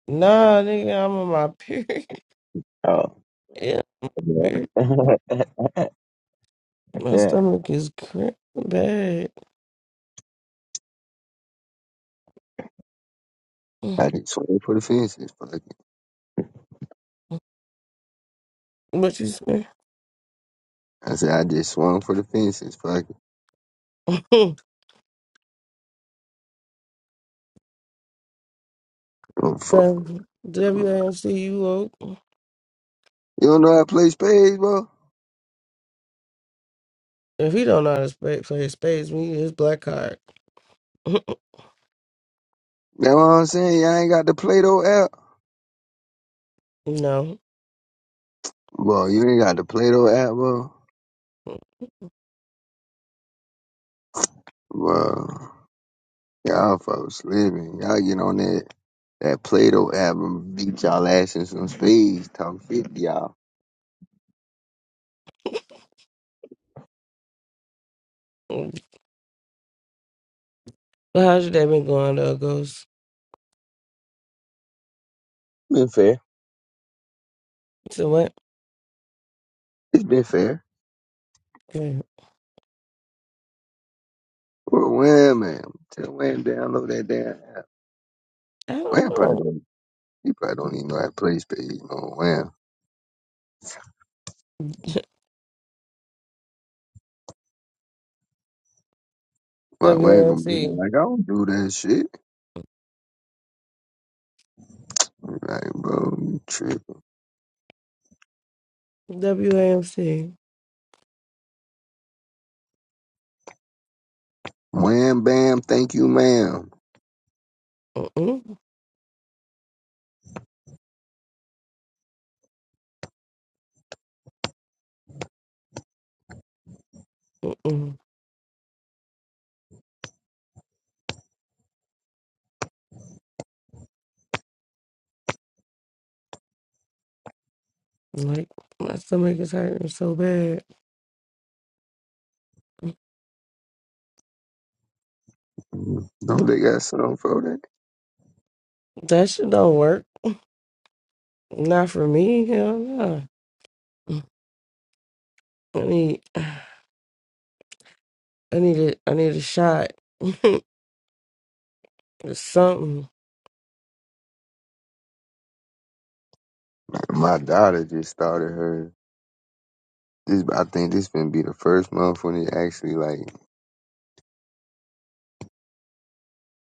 Speaker 1: Nah, nigga, I'm on my period.
Speaker 6: Oh,
Speaker 1: yeah,
Speaker 6: yeah.
Speaker 1: period. My
Speaker 6: yeah.
Speaker 1: stomach is cramping bad. Mm.
Speaker 6: I just swung for the fences, fuck it.
Speaker 1: What you say?
Speaker 6: I said I just swung for the fences, fuck it. Oh, fuck.
Speaker 1: The
Speaker 6: You
Speaker 1: WAMC, you woke.
Speaker 6: don't know how to play spades, bro?
Speaker 1: If he don't know how to spa- play his spades, we need his black card.
Speaker 6: That's what I'm saying. Y'all ain't got the Play-Doh app.
Speaker 1: no.
Speaker 6: Bro, you ain't got the Play-Doh app, bro. Bro. Y'all folks living. Y'all get on that that Plato album, beat y'all ass in some speeds, talk fifty y'all.
Speaker 1: But how's your day been going, though, Ghost?
Speaker 6: Been fair.
Speaker 1: So what?
Speaker 6: It's been fair.
Speaker 1: Okay.
Speaker 6: Well, Wham man. Tell Wham download that damn app.
Speaker 1: I don't
Speaker 6: Wham probably
Speaker 1: know.
Speaker 6: don't he probably don't even know how to play space, you know, Wham. Wham Wham gonna be there
Speaker 1: WAMC.
Speaker 6: like I don't do that shit. Like, bro, you tripping.
Speaker 1: WAMC.
Speaker 6: Wham bam, thank you, ma'am.
Speaker 1: Mm-mm. Mm-mm. Like, my stomach is hurting so bad.
Speaker 6: Don't they got something for that?
Speaker 1: That shit don't work. Not for me. Hell no. I need, I need, a, I need a shot. Something.
Speaker 6: My daughter just started her. This I think this been be the first month when it actually like.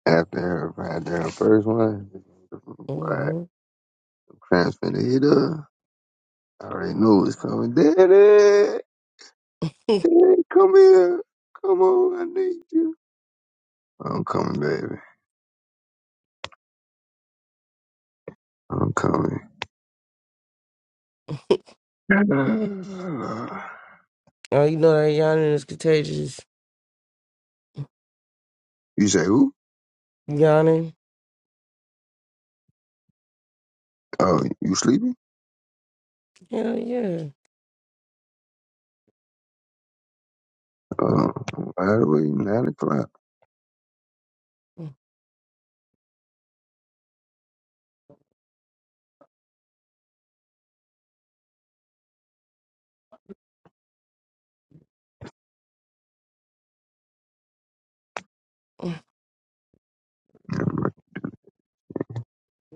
Speaker 6: After everybody down first one, what
Speaker 1: hmm
Speaker 6: transfer to eat her. I already know it's coming. Daddy, Daddy, come here. Come on, I need you. I'm coming, baby. I'm coming.
Speaker 1: Oh, you know that yawning is contagious.
Speaker 6: you say who?
Speaker 1: Yawning.
Speaker 6: Oh, you sleepy?
Speaker 1: Hell yeah.
Speaker 6: Oh, by the way, nine o'clock.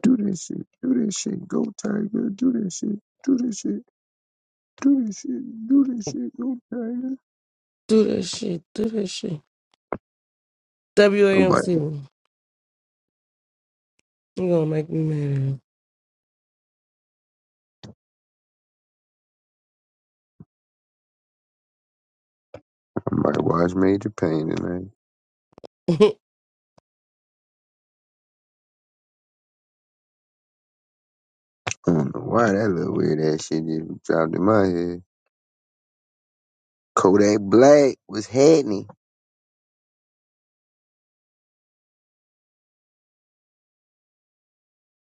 Speaker 6: Do this shit. Do this shit. Go Tiger. Do this shit. Do this shit. Do this shit. Do this shit. Go Tiger.
Speaker 1: Do that shit. Do that shit.
Speaker 6: I might,
Speaker 1: WAMC. You gonna make me
Speaker 6: I might watch Major Pain tonight.
Speaker 1: mad.
Speaker 6: I don't know why that little weird ass shit just dropped in my head. Kodak Black was happening.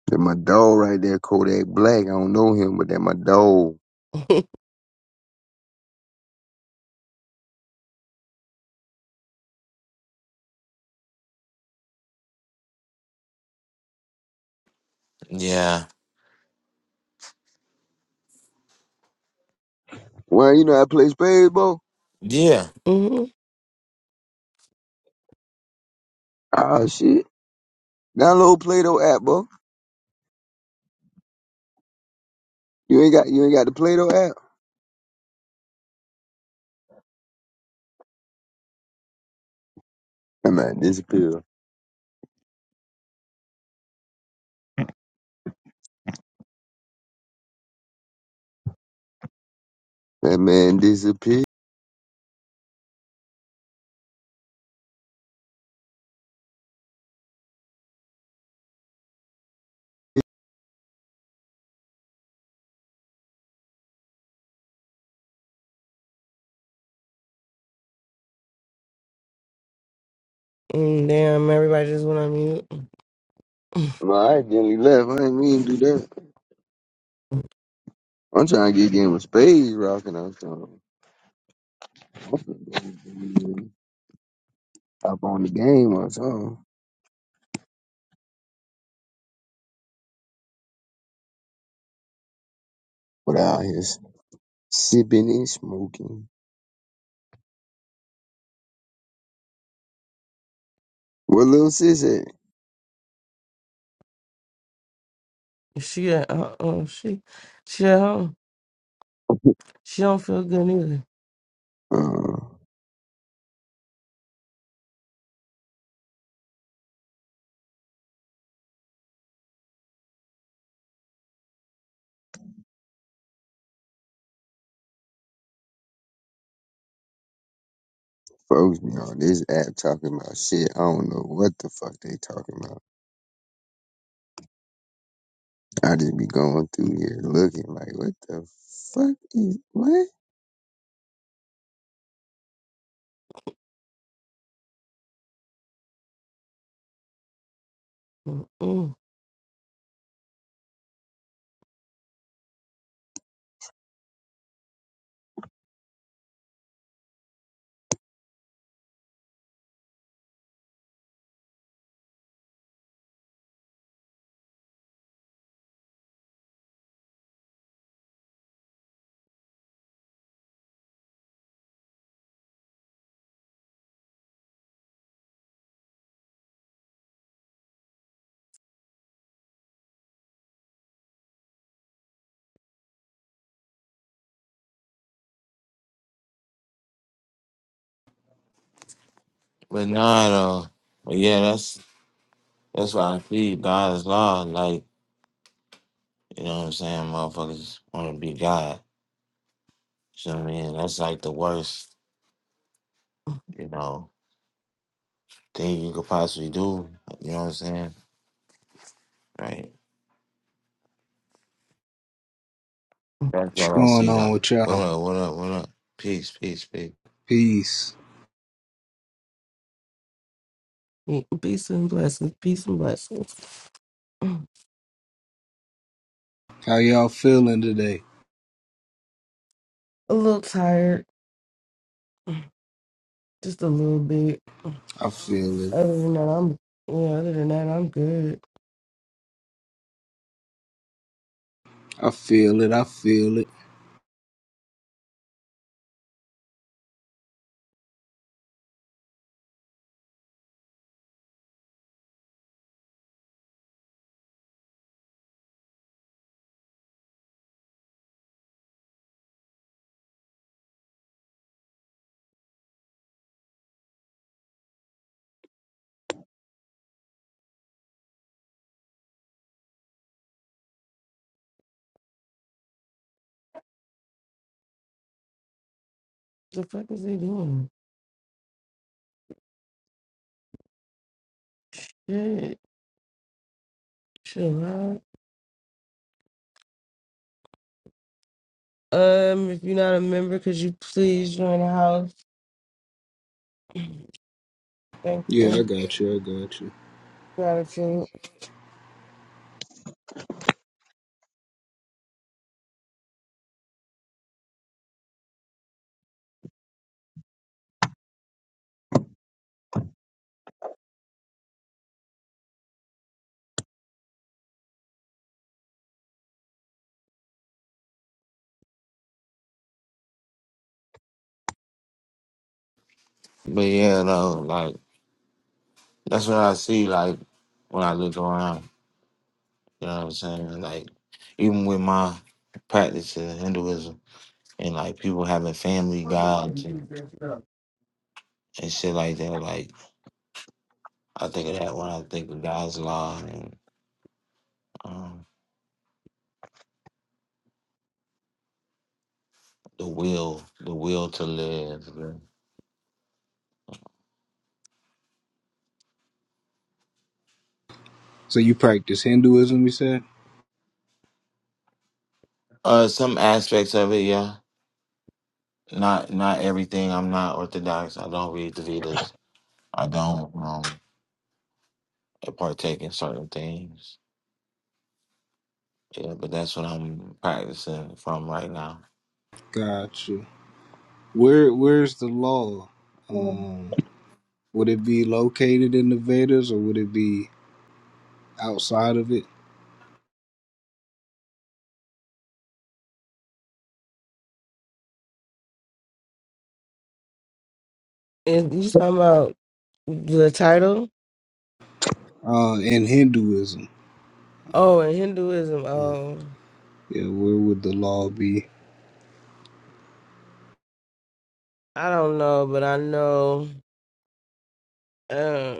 Speaker 6: That my dog right there, Kodak Black. I don't know him, but that my dog.
Speaker 1: mm-hmm.
Speaker 3: yeah,
Speaker 6: Well, you know I play spades, bro.
Speaker 3: yeah,
Speaker 1: mm,
Speaker 6: Ah shit. Download Play-Doh app, bro. You ain't got you ain't got the Play-Doh app. That man disappeared. That man disappeared.
Speaker 1: damn, everybody just went on mute.
Speaker 6: Well, I accidentally left. I didn't mean to do that. I'm trying to get a game of spades rocking or something. Up on the game or something. But out here sipping and smoking. What little sis at?
Speaker 1: She at uh oh she she at home. She don't feel good either.
Speaker 6: Uh, folks be on this app talking about shit. I don't know what the fuck they talking about. I just be going through here looking like, what the fuck is what?
Speaker 1: Mm-mm.
Speaker 3: but not uh, but yeah, that's. That's why I feed God's law. Like, you know what I'm saying? Motherfuckers want to be God. You know what I mean? That's like the worst, you know, thing you could possibly do. You know what I'm saying? Right. That's
Speaker 7: What's
Speaker 3: what I
Speaker 7: going
Speaker 3: see,
Speaker 7: on
Speaker 3: though.
Speaker 7: with
Speaker 3: What
Speaker 7: y'all?
Speaker 3: up, what up, what up? Peace, peace, peace.
Speaker 7: Peace.
Speaker 1: Mm, Peace and blessings. Peace and blessings. Mm.
Speaker 7: How y'all feeling today?
Speaker 1: A little tired, just a little bit.
Speaker 7: I feel it.
Speaker 1: Other than that, I'm yeah. Other than that, I'm good.
Speaker 7: I feel it. I feel it.
Speaker 1: The fuck is they doing? Shit, chill out. Um, if you're not a member, could you please join the house? Thank
Speaker 7: Yeah, I
Speaker 1: you.
Speaker 7: got you. I got you.
Speaker 1: Gratitude.
Speaker 3: But yeah, though, like, that's what I see, like, when I look around. You know what I'm saying? Like, even with my practice in Hinduism and, like, people having family gods and, and shit like that, like, I think of that one. I think of God's law and um, the will, the will to live.
Speaker 7: So you practice Hinduism, you said?
Speaker 3: Uh, some aspects of it, yeah. Not not everything. I'm not orthodox. I don't read the Vedas. I don't um partake in certain things. Yeah, but that's what I'm practicing from right now.
Speaker 7: Got you. Where Where's the law? Um, would it be located in the Vedas or would it be outside of it?
Speaker 1: And you talking about the title?
Speaker 7: Uh, in Hinduism,
Speaker 1: Oh, in Hinduism. Oh,
Speaker 7: yeah, where would the law be?
Speaker 1: I don't know, but I know uh,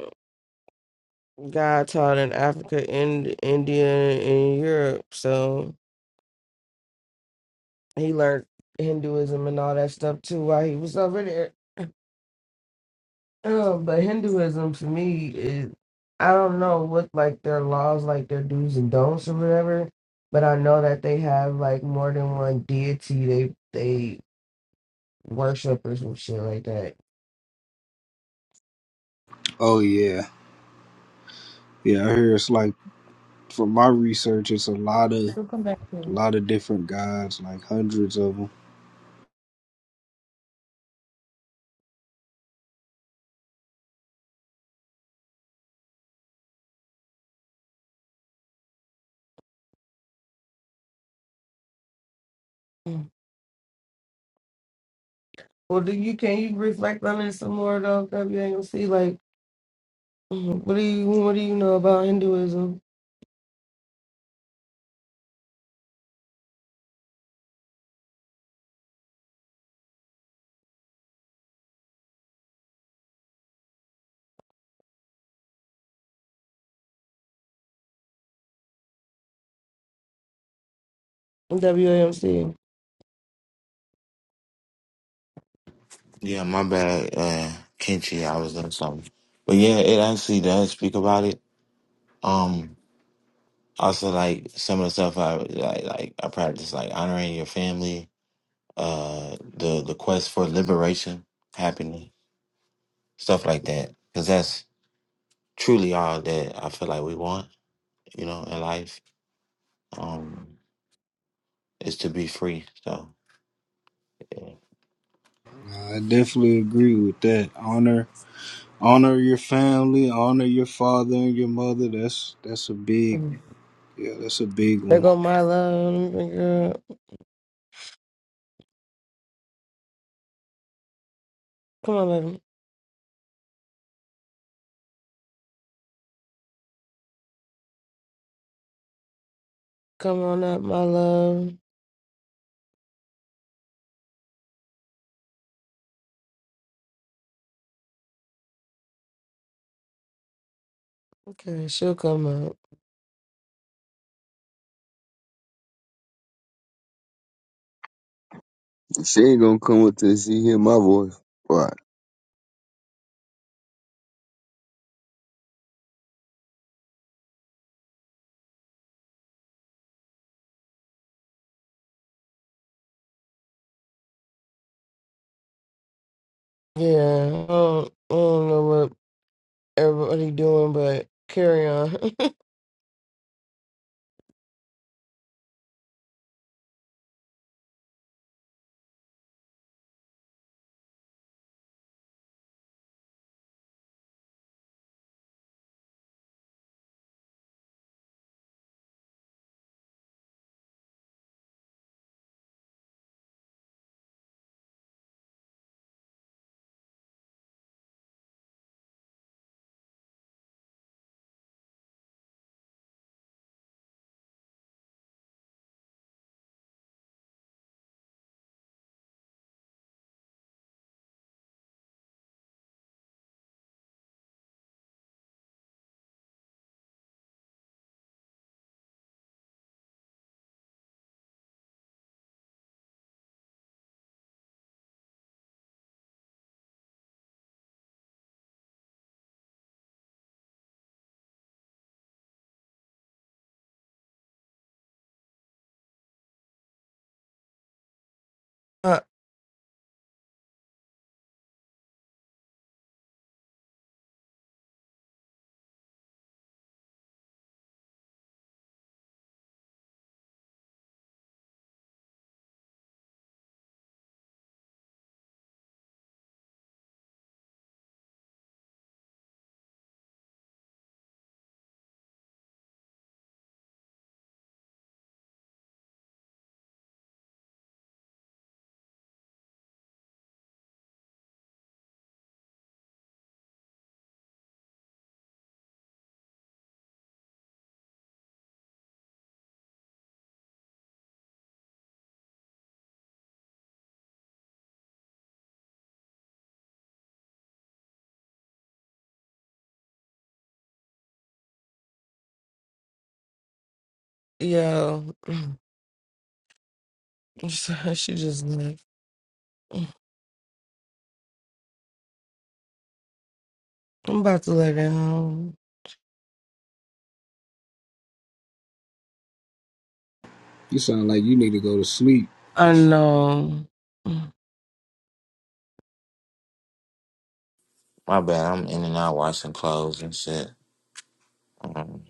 Speaker 1: God taught in Africa, in India, and Europe. So he learned Hinduism and all that stuff too while he was over there. Um, but Hinduism to me is I don't know what like their laws, like their do's and don'ts or whatever, but I know that they have like more than one deity they they worship or some shit like that.
Speaker 7: Oh yeah, yeah. I hear it's like from my research, it's a lot of
Speaker 1: We'll come back to it.
Speaker 7: lot of different gods, like hundreds of them
Speaker 1: Mm. Well, do you can you reflect on it some more though, WAMC? Like, Mhm. what do you what do you know about Hinduism, WAMC?
Speaker 3: Yeah, my bad, uh, Kinchi. I was doing something, but yeah, it actually does speak about it. Um, also like some of the stuff I like, like I practice like honoring your family uh the the quest for liberation happening stuff like that because that's truly all that i feel like we want you know in life um is to be free so yeah.
Speaker 7: I definitely agree with that. Honor honor your family, honor your father and your mother. That's that's a big yeah, that's a big
Speaker 1: There
Speaker 7: one.
Speaker 1: go my love, let me bring her up. Come on, baby. come on up, my love. Okay, she'll come up.
Speaker 6: She ain't gonna come up to see hear my voice. Why?
Speaker 1: Yeah, I don't, I don't know what everybody doing, but carry on. uh, yo, she just left. I'm about to let it home.
Speaker 7: You sound like you need to go to sleep.
Speaker 1: I know.
Speaker 3: my bad i'm in and out washing clothes and shit um,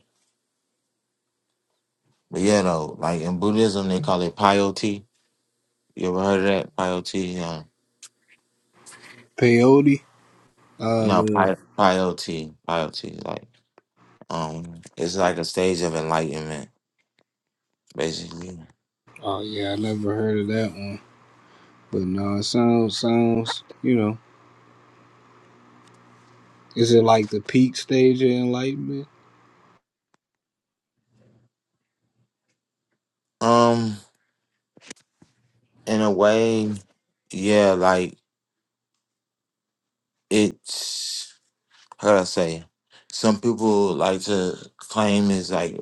Speaker 3: but yeah though like in buddhism they call it piety you ever heard of that piety um
Speaker 7: Peyote? Uh
Speaker 3: no
Speaker 7: the-
Speaker 3: pi- piety piety like um it's like a stage of enlightenment basically
Speaker 7: oh yeah, I never heard of that one. But no, it sounds sounds you know. Is it like the peak stage of enlightenment?
Speaker 3: um in a way yeah like it's how do I say? Some people like to claim it's like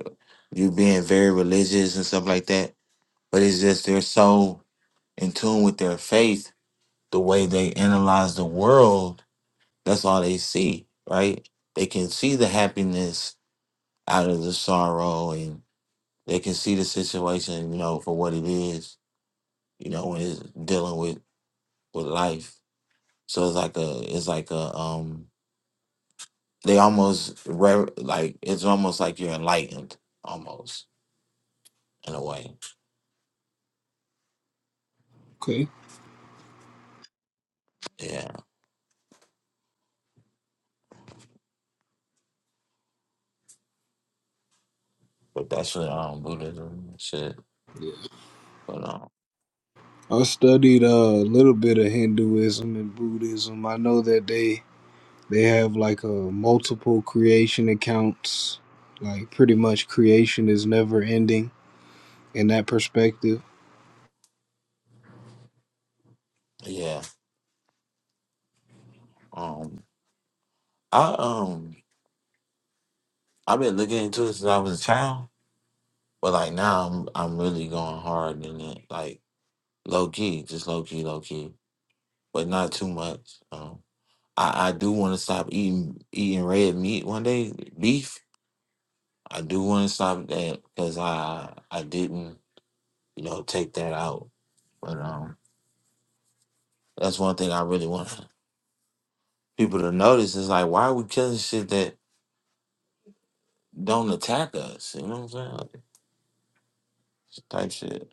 Speaker 3: you being very religious and stuff like that, but it's just they're so in tune with their faith, the way they analyze the world, that's all they see, right? They can see the happiness out of the sorrow and they can see the situation, you know, for what it is, you know, when it's dealing with with life. So it's like a it's like a um They almost re- like it's almost like you're enlightened, almost in a way.
Speaker 7: Okay.
Speaker 3: Yeah, but that's what um Buddhism and shit. But um,
Speaker 7: I studied uh, a little bit of Hinduism and Buddhism. I know that they They have like a multiple creation accounts. Like pretty much creation is never ending in that perspective.
Speaker 3: yeah, um, I um I've been looking into it since I was a child, but like now I'm I'm really going hard in it, like low key, just low key, low key, but not too much. Um, I I do want to stop eating eating red meat one day, beef. I do want to stop that because I I didn't. you know, take that out. But um, that's one thing I really want people to notice is like, why are we killing shit that don't attack us? You know what I'm saying? Like, it's type shit.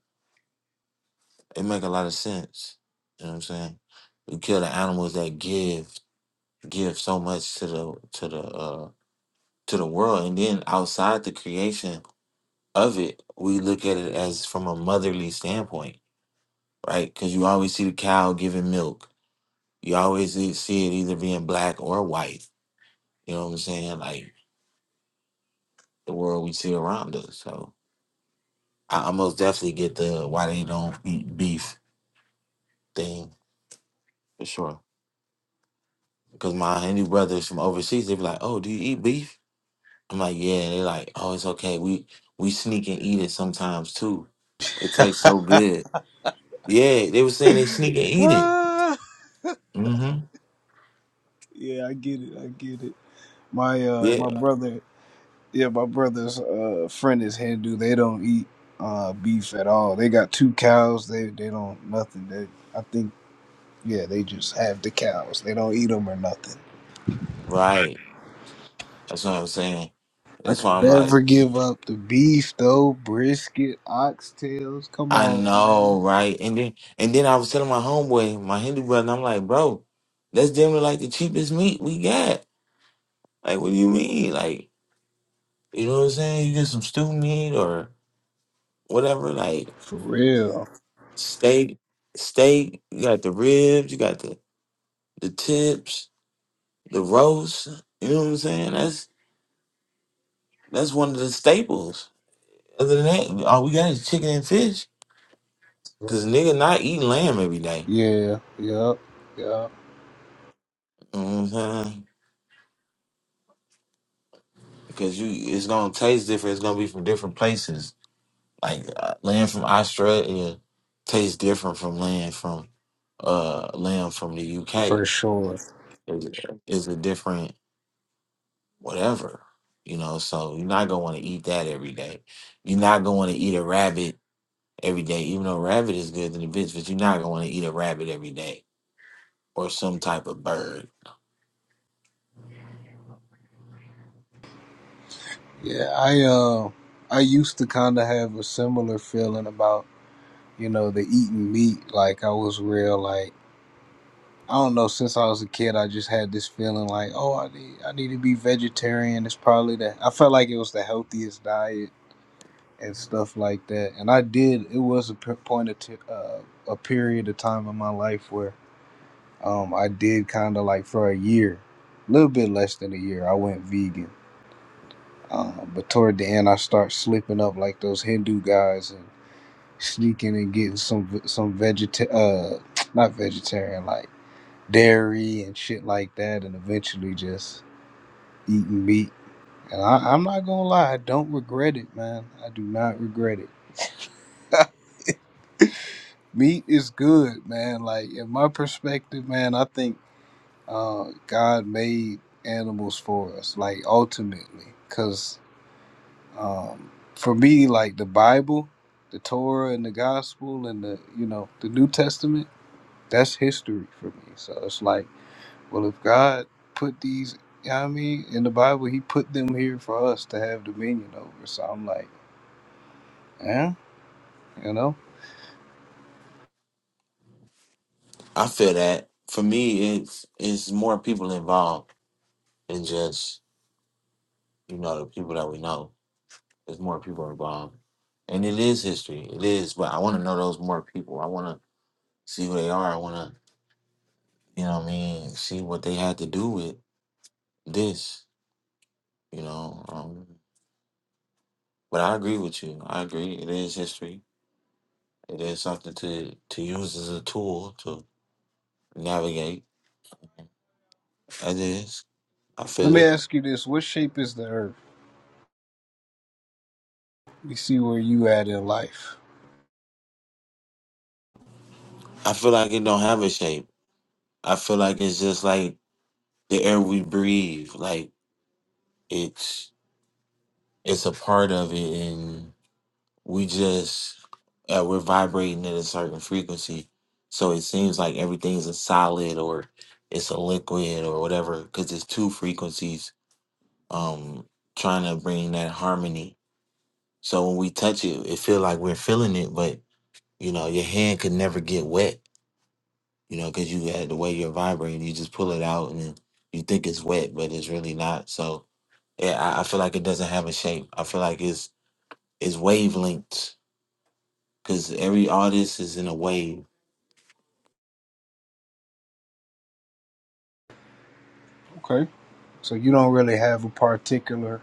Speaker 3: It make a lot of sense. You know what I'm saying? We kill the animals that give give so much to the to the uh to the world, and then outside the creation of it, we look at it as from a motherly standpoint, right? Because you always see the cow giving milk. You always see see it either being black or white. You know what I'm saying? Like the world we see around us. So I, I most definitely get the why they don't eat beef thing for sure. Because my Hindu brothers from overseas, they be like, "Oh, do you eat beef?" I'm like, "Yeah." They're like, "Oh, it's okay. We we sneak and eat it sometimes too. It tastes so good." Yeah, they were saying they sneak and eat it.
Speaker 7: Ah,
Speaker 3: hmm
Speaker 7: yeah, I get it. I get it. My uh
Speaker 3: Yeah,
Speaker 7: my brother, yeah, my brother's uh friend is Hindu. They don't eat uh beef at all. They got two cows. They they don't nothing. They I think yeah, they just have the cows. They don't eat them or nothing.
Speaker 3: right. That's what I'm saying.
Speaker 7: I
Speaker 3: That's why
Speaker 7: could
Speaker 3: I'm like,
Speaker 7: never give up the beef though. Brisket, oxtails. Come
Speaker 3: I
Speaker 7: on, man.
Speaker 3: know, right? And then and then I was telling my homeboy, my Hindu brother, I'm like, bro, that's damn near like the cheapest meat we got. Like, what do you mean? Like, you know what I'm saying? You get some stew meat or whatever, like
Speaker 7: For real.
Speaker 3: steak, steak, you got the ribs, you got the, the tips, the roast. You know what I'm saying? That's that's one of the staples. Other than that, all we got is chicken and fish. Cause nigga not eating lamb every day.
Speaker 7: Yeah, yeah, yeah,
Speaker 3: You know what I'm saying? Because you it's gonna taste different, it's gonna be from different places. Like uh, lamb from Australia tastes different from lamb from uh lamb from the UK.
Speaker 7: for sure.
Speaker 3: is is a different whatever, you know. So you're not gonna want to eat that every day. You're not gonna want to eat a rabbit every day, even though rabbit is good than a bitch, but you're not gonna want to eat a rabbit every day or some type of bird.
Speaker 7: Yeah, I uh, I used to kind of have a similar feeling about you know the eating meat. Like I was real like I don't know. Since I was a kid, I just had this feeling like oh I need I need to be vegetarian. It's probably the I felt like it was the healthiest diet and stuff like that. And I did. It was a p- point of t- uh, a period of time in my life where um I did kind of like for a year, a little bit less than a year, I went vegan Uh, but toward the end, I start slipping up like those Hindu guys and sneaking and getting some some vegeta uh not vegetarian like dairy and shit like that, and eventually just eating meat. And I, I'm not gonna lie, I don't regret it, man. I do not regret it. meat is good, man. Like in my perspective, man, I think uh, God made animals for us, like ultimately, because. Um, for me, like the Bible, the Torah, and the Gospel, and the you know the New Testament, that's history for me. So it's like, well, if God put these, you know what I mean, in the Bible, He put them here for us to have dominion over. So I'm like, yeah, you know.
Speaker 3: I feel that for me, it's it's more people involved than just you know the people that we know. There's more people involved, and it is history. It is, but I want to know those more people. I want to see who they are. I want to, you know, what I mean, see what they had to do with this. you know. Um, but I agree with you. I agree. It is history. It is something to to use as a tool to navigate. It is. I
Speaker 7: Let
Speaker 3: feel
Speaker 7: me
Speaker 3: it.
Speaker 7: ask you this: What shape is the Earth? We see where you at in life.
Speaker 3: I feel like it don't have a shape. I feel like it's just like the air we breathe. Like it's it's a part of it, and we just uh, we're vibrating at a certain frequency. So it seems like everything's a solid or it's a liquid or whatever because it's two frequencies um trying to bring that harmony so when we touch it it feel like we're feeling it but you know your hand could never get wet you know because you had the way you're vibrating you just pull it out and then you think it's wet but it's really not so yeah i, I feel like it doesn't have a shape i feel like it's it's wavelengths because every artist is in a wave
Speaker 7: Okay, so you don't really have a particular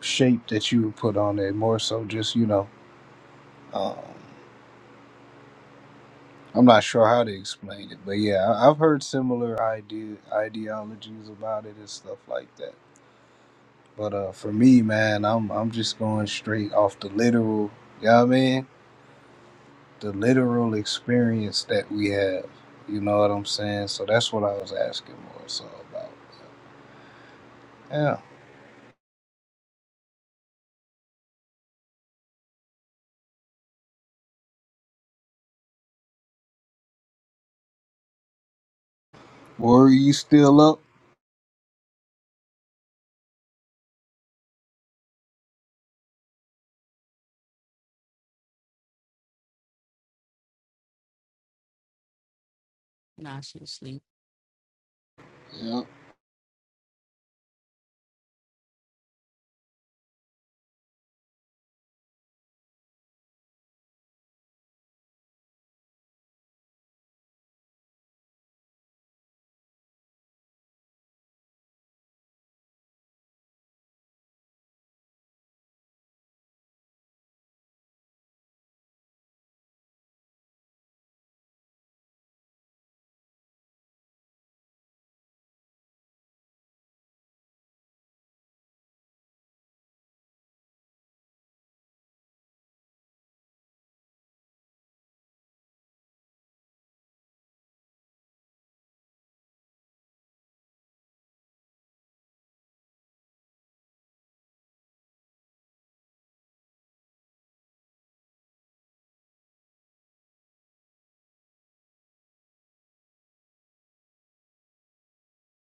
Speaker 7: shape that you would put on it. More so, just you know. I'm not sure how to explain it, but yeah, I- I've heard similar idea ideologies about it and stuff like that. But uh, for me, man, I'm I'm just going straight off the literal, you know what I mean? The literal experience that we have. You know what I'm saying? So that's what I was asking more so about. Yeah. Were you still up?
Speaker 8: Nah, she was asleep.
Speaker 7: Yeah.